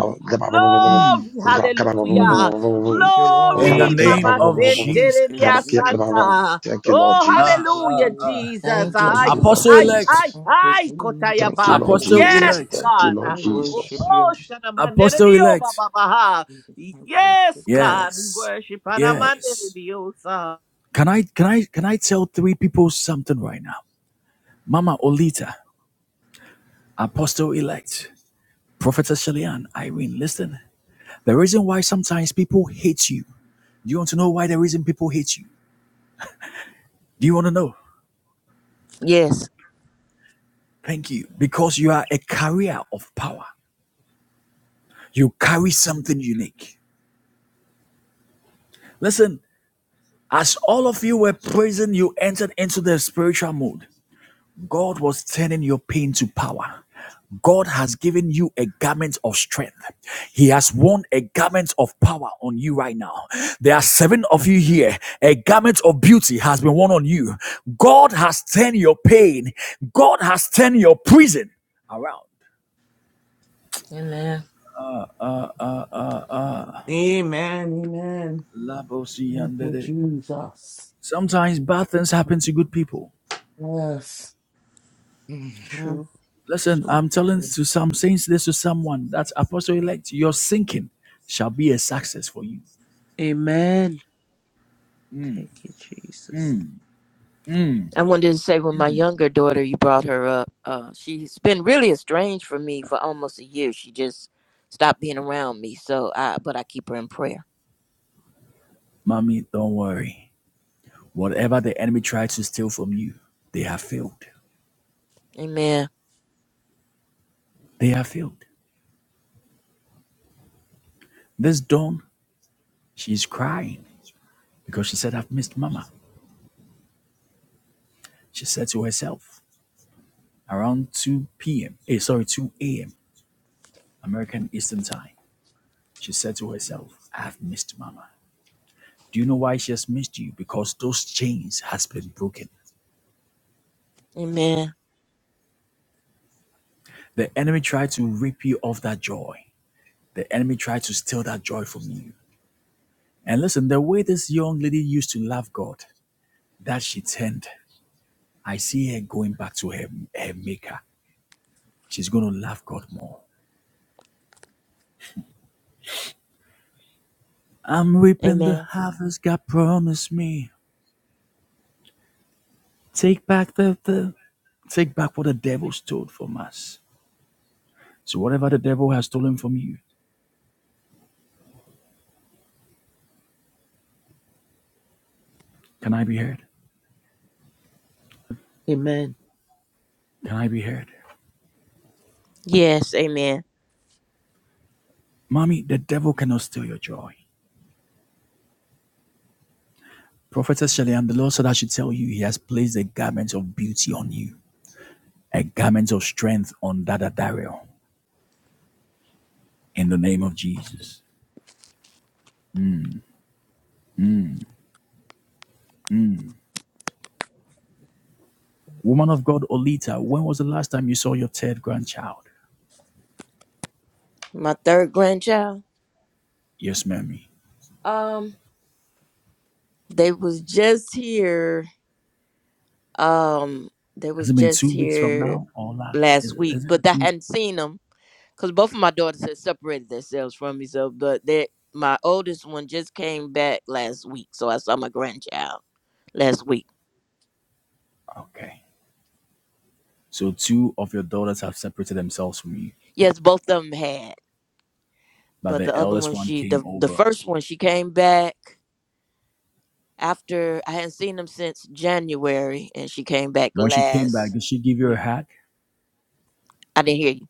Speaker 4: Glory, hallelujah.
Speaker 3: Thank you,
Speaker 1: In the
Speaker 4: Glory,
Speaker 3: Lord.
Speaker 1: name
Speaker 4: Mama
Speaker 1: of Jesus.
Speaker 5: Rabba,
Speaker 3: Thank
Speaker 4: Centeria
Speaker 3: you,
Speaker 5: Rabba,
Speaker 4: Santa.
Speaker 3: Jesus.
Speaker 5: Thank you, Lord
Speaker 4: Oh,
Speaker 3: Thank
Speaker 5: Jesus.
Speaker 3: you,
Speaker 4: hallelujah,
Speaker 3: Jesus.
Speaker 4: Jesus.
Speaker 2: Thank
Speaker 3: Thank
Speaker 2: you,
Speaker 3: you,
Speaker 5: Thank you, Lord
Speaker 3: Lord.
Speaker 1: Apostle
Speaker 4: Ay,
Speaker 2: Jesus.
Speaker 1: elect.
Speaker 4: ay,
Speaker 5: Jesus.
Speaker 3: Thank you,
Speaker 4: ay,
Speaker 3: Jesus.
Speaker 5: Thank you,
Speaker 3: I
Speaker 4: Kotayaba.
Speaker 5: Lord
Speaker 1: Apostle
Speaker 3: worship you.
Speaker 4: Yes,
Speaker 5: Jesus.
Speaker 1: elect.
Speaker 5: Thank you,
Speaker 4: God.
Speaker 3: I
Speaker 5: Lord
Speaker 4: Oh,
Speaker 5: Jesus.
Speaker 3: worship you.
Speaker 1: Apostle
Speaker 4: Shanamanderio
Speaker 1: elect.
Speaker 4: Baba Baha.
Speaker 3: I worship
Speaker 4: Yes,
Speaker 3: you.
Speaker 4: God. We
Speaker 1: Yes.
Speaker 4: worship
Speaker 1: Yes.
Speaker 4: Anamanderio. sir.
Speaker 1: Can I can I can I tell three people something right now? Mama Olita, Apostle elect, Prophetess Shalian, Irene, listen. The reason why sometimes people hate you Do you want to know why the reason people hate you? Do you want to know?
Speaker 2: Yes.
Speaker 1: Thank you. Because you are a carrier of power. You carry something unique. Listen, as all of you were praising, you entered into the spiritual mode. God was turning your pain to power. God has given you a garment of strength. He has worn a garment of power on you right now. There are seven of you here. A garment of beauty has been worn on you. God has turned your pain. God has turned your prison around.
Speaker 2: Amen.
Speaker 3: Amen. Amen. Thank you,
Speaker 1: Labosiyandere.
Speaker 3: Jesus.
Speaker 1: Sometimes bad things happen to good people.
Speaker 3: Yes. Mhm.
Speaker 4: True.
Speaker 1: Listen,
Speaker 4: So,
Speaker 1: I'm telling to
Speaker 3: Thank
Speaker 1: some saying this to someone that apostle elect, your sinking shall be a success for you.
Speaker 4: amen. Thank you, Jesus.
Speaker 2: I wanted to say when my younger daughter, you brought her up, uh, she's been really estranged from me for almost a year. She just stopped being around me. So I but I keep her in prayer.
Speaker 1: Mommy, don't worry. Whatever the enemy tried to steal from you, they have failed.
Speaker 2: Amen.
Speaker 1: They have failed. This dawn, she's crying because she said, I've missed mama. She said to herself, around 2 p.m., eh, sorry, 2 a.m., American Eastern Time, she said to herself, I've missed mama. Do you know why she has missed you? Because those chains has been broken.
Speaker 2: Amen.
Speaker 1: The enemy tried to rip you of that joy. The enemy tried to steal that joy from you. And listen, the way this young lady used to love God, that she turned. I see her going back to her, her maker. She's going to love God more. I'm reaping the
Speaker 2: Amen.
Speaker 1: harvest God promised me. Take back the, the take back what the devil stole from us. So whatever the devil has stolen from you, can I be heard?
Speaker 4: Amen.
Speaker 1: Can I be heard?
Speaker 2: Yes, amen.
Speaker 1: Mommy, the devil cannot steal your joy. Prophetess Shelley, I'm the Lord said I should tell you, He has placed a garment of beauty on you, a garment of strength on Dada Dario, in the name of Jesus. Woman of God, Olita, when was the last time you saw your third grandchild?
Speaker 2: My third grandchild.
Speaker 1: Yes, mommy.
Speaker 2: Um. They was just here. Um, they
Speaker 1: Has
Speaker 2: was
Speaker 1: it been
Speaker 2: just
Speaker 1: two weeks from
Speaker 2: here
Speaker 1: now or last? Is
Speaker 2: last
Speaker 1: it,
Speaker 2: week,
Speaker 1: is
Speaker 2: but
Speaker 1: it
Speaker 2: I
Speaker 1: two?
Speaker 2: hadn't seen them because both of my daughters had separated themselves from me. So, but that my oldest one just came back last week, so I saw my grandchild last week.
Speaker 1: Okay. So two of your daughters have separated themselves from you,
Speaker 2: Yes, both of them had,
Speaker 1: but
Speaker 2: but the
Speaker 1: the
Speaker 2: other
Speaker 1: eldest
Speaker 2: one,
Speaker 1: one
Speaker 2: she the
Speaker 1: came
Speaker 2: the
Speaker 1: over.
Speaker 2: first one, she came back after I hadn't seen them since January, and she came back
Speaker 1: When she came back,
Speaker 2: last
Speaker 1: did she give you a
Speaker 2: week.
Speaker 1: hug?
Speaker 2: I didn't hear you.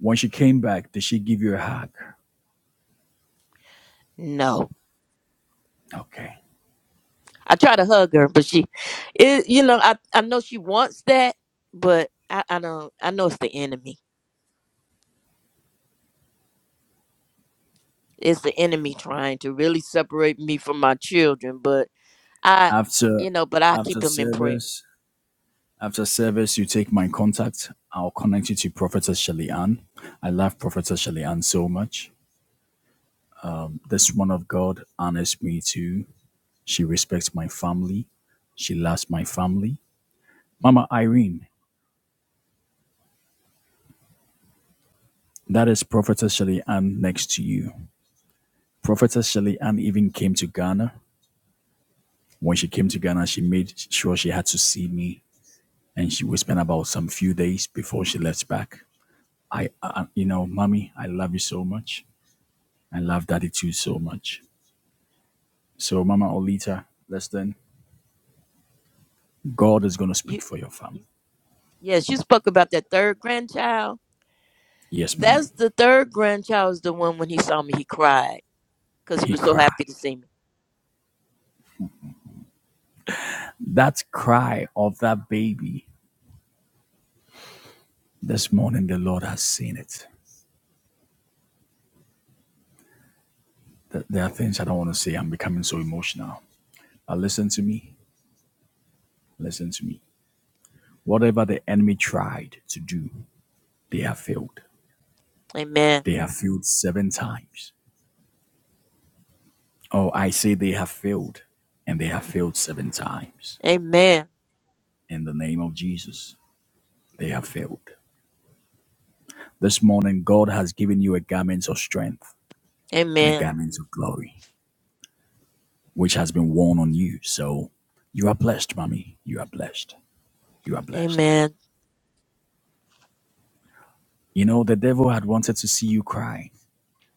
Speaker 1: When she came back, did she give you a hug?
Speaker 2: No.
Speaker 1: Okay.
Speaker 2: I try to hug her, but she, it, you know, I, I know she wants that, but I, I don't, I know it's the enemy. It's the enemy trying to really separate me from my children, but I,
Speaker 1: After
Speaker 2: you know, but I keep
Speaker 1: after
Speaker 2: them in prayer.
Speaker 1: service, after service, you take my contact. I'll connect you to Prophetess Shelly Ann. I love Prophetess Shelly Ann so much. This one of God honors me too. She respects my family. She loves my family. Mama Irene, that is Prophetess Shelly Ann next to you. Prophetess Shelly Ann even came to Ghana. When she came to Ghana, she made sure she had to see me, and she we spend about some few days before she left back. I, I you know, mommy, I love you so much. I love Daddy too so much. So, Mama Olita, listen, God is going to
Speaker 2: You,
Speaker 1: speak for your family.
Speaker 2: yes, you spoke about that third grandchild.
Speaker 1: Yes, Mommy.
Speaker 2: That's the third grandchild is the one when he saw me, he cried because he
Speaker 1: He
Speaker 2: was so
Speaker 1: cried.
Speaker 2: happy to see me.
Speaker 1: That cry of that baby this morning, the Lord has seen it. Th- There are things I don't want to say. I'm becoming so emotional. But listen to me. Listen to me. Whatever the enemy tried to do, they have failed.
Speaker 2: Amen.
Speaker 1: They have failed seven times. Oh, I say they have failed, and they have failed seven times.
Speaker 2: Amen.
Speaker 1: In the name of Jesus, they have failed. This morning, God has given you a garment of strength and a
Speaker 2: Amen.
Speaker 1: garment of glory, which has been worn on you. So you are blessed, mommy. You are blessed. You are blessed.
Speaker 2: Amen.
Speaker 1: You know, the devil had wanted to see you cry,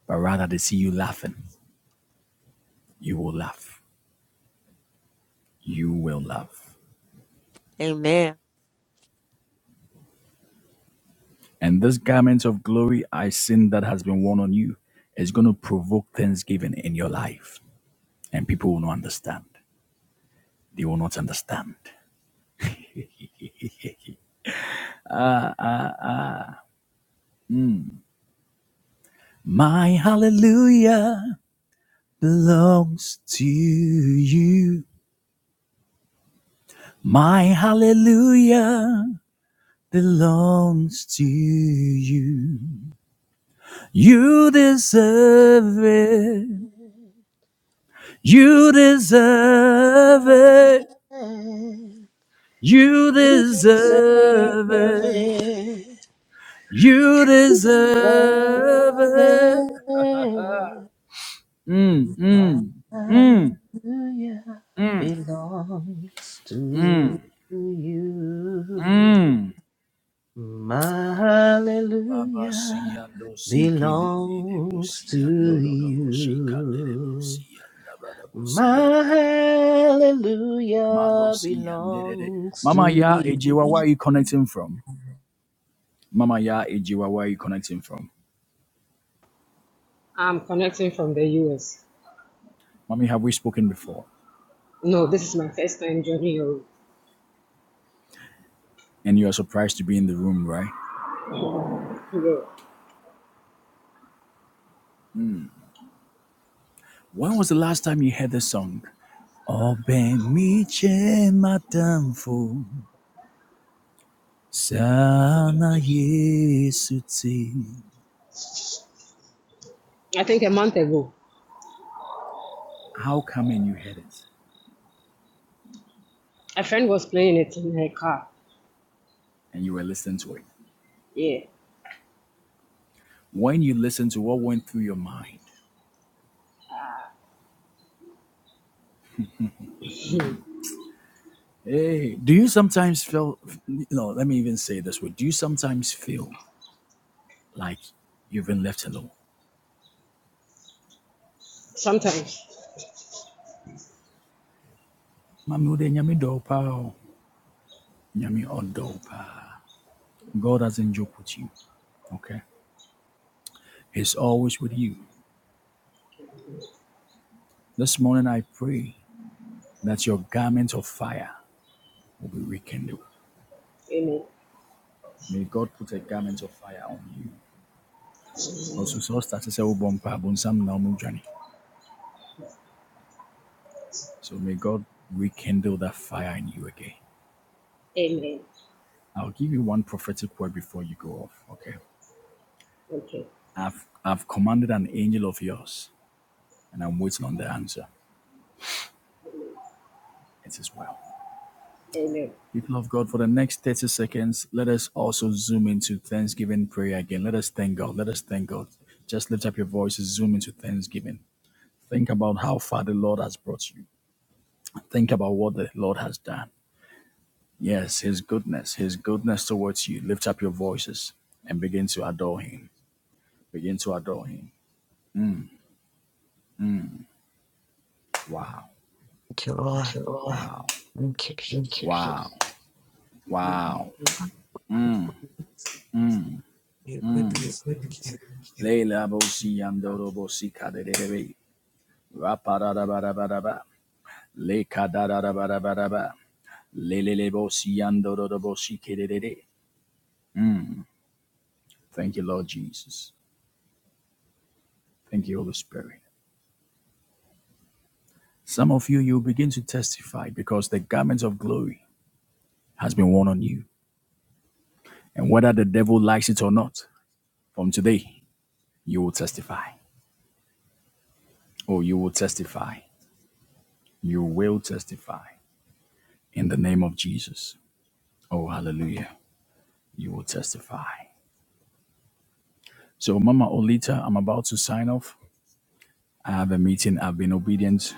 Speaker 1: but rather to see you laughing. You will laugh. You will laugh.
Speaker 2: Amen.
Speaker 1: And this garment of glory I seen that has been worn on you is going to provoke thanksgiving in your life. And people will not understand. They will not understand. My hallelujah belongs to you. My hallelujah belongs to you. You deserve it. You deserve it. You
Speaker 4: You deserve it.
Speaker 1: deserve it.
Speaker 4: Deserve
Speaker 1: You deserve it.
Speaker 4: it.
Speaker 1: Mm,
Speaker 4: My
Speaker 1: mm,
Speaker 4: hallelujah
Speaker 1: mm, mm,
Speaker 4: belongs to
Speaker 1: mm,
Speaker 4: you.
Speaker 1: mm.
Speaker 4: My hallelujah
Speaker 1: Babasiando sike de de de
Speaker 4: belongs to
Speaker 1: bosiando do do bosika de de
Speaker 4: you.
Speaker 1: bosianda brada
Speaker 4: My
Speaker 1: bosiada ba malo
Speaker 4: hallelujah
Speaker 1: siande de de.
Speaker 4: belongs to
Speaker 1: Mama ya ejiwa where are you connecting from? Mama ya ejiwa where are you connecting from?
Speaker 6: I'm connecting from the US.
Speaker 1: Mommy, have we spoken before?
Speaker 6: No, this is my first time joining your
Speaker 1: And you are surprised to be in the room, right?
Speaker 6: Euro.
Speaker 1: When was the last time you heard this song? Open mi matamfo sana yesuti.
Speaker 6: I think a month ago,
Speaker 1: How come and you heard it
Speaker 6: a friend was playing it in her car.
Speaker 1: and you were listening to it?
Speaker 6: Yeah,
Speaker 1: when you listen to what went through your mind. Hey, do you sometimes feel, no, let me even say it this way. Do you sometimes feel like you've been left alone?
Speaker 6: sometimes.
Speaker 1: Mami, wo de nyame dɔ wo paa o. Nyame ɔdɔ wo paa. God doesn't joke with you, okay? He's always with you. This morning I pray that your garment of fire will be rekindled.
Speaker 6: Amen.
Speaker 1: May God put a garment of fire on you. Because we saw started to say, "Oh, bumper, bun, some normal journey." So may God rekindle that fire in you again.
Speaker 6: Amen.
Speaker 1: I'll give you one prophetic word before you go off. Okay.
Speaker 6: Okay.
Speaker 1: I've I've commanded an angel of yours, and I'm waiting on the answer. It is well.
Speaker 6: Amen.
Speaker 1: People of God, for the next 30 seconds, let us also zoom into Thanksgiving prayer again. Let us thank God. Let us thank God. Just lift up your voices, zoom into Thanksgiving. Think about how far the Lord has brought you. Think about what the Lord has done. Yes, His goodness, His goodness towards you. Lift up your voices and begin to adore Him. Begin to adore Him. Mm, mm, Wow.
Speaker 3: you,
Speaker 1: Thank
Speaker 3: Lord.
Speaker 1: you, Lord. Wow.
Speaker 3: Thank you, Jesus.
Speaker 1: Thank you, Wow. Jesus. Wow. Mm.
Speaker 3: Your goodness.
Speaker 1: Leila bosi yamdoro bosi kaderebe. Raparabarabaraba. Le kadarabarabaraba. Lelele bosi yamdoro bosi kedede. Thank you, Lord Jesus. Thank you, Holy Spirit. Some of you, you begin to testify because the garment of glory has been worn on you. And whether the devil likes it or not, from today, you will testify. Oh, you will testify. You will testify in the name of Jesus. Oh, hallelujah. You will testify. So, Mama Olita, I'm about to sign off. I have a meeting. I've been obedient.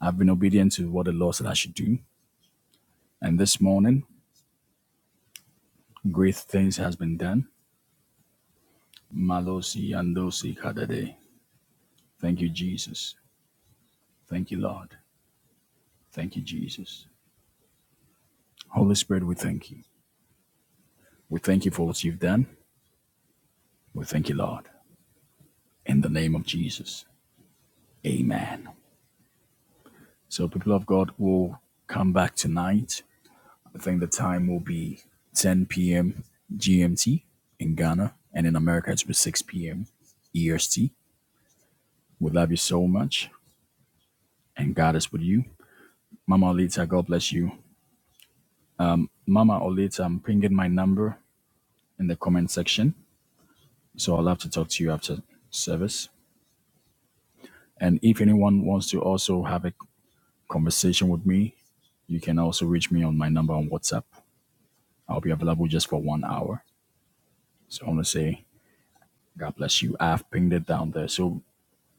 Speaker 1: I've been obedient to what the Lord said I should do. And this morning, great things has been done. Malosi andosi kadade. Thank you, Jesus. Thank you, Lord. Thank you, Jesus. Holy Spirit, we thank you. We thank you for what you've done. We thank you, Lord. In the name of Jesus. Amen. So, people of God will come back tonight I think the time will be 10 p.m. GMT in Ghana, and in America it it's be 6 p.m. EST. We love you so much, and God is with you. Mama Olita, God bless you. Mama Olita, I'm pinging my number in the comment section, so I'll love to talk to you after service. And if anyone wants to also have a conversation with me, you can also reach me on my number on WhatsApp. I'll be available just for one hour. So I want to say, God bless you. I've pinged it down there. So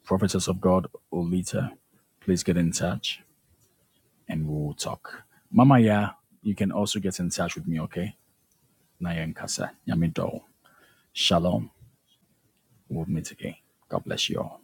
Speaker 1: Prophetess of God Olita, please get in touch and we'll talk. Mama Ya, you can also get in touch with me, okay? Naya Nkasa, Yamido. Shalom. We'll meet again. God bless you all.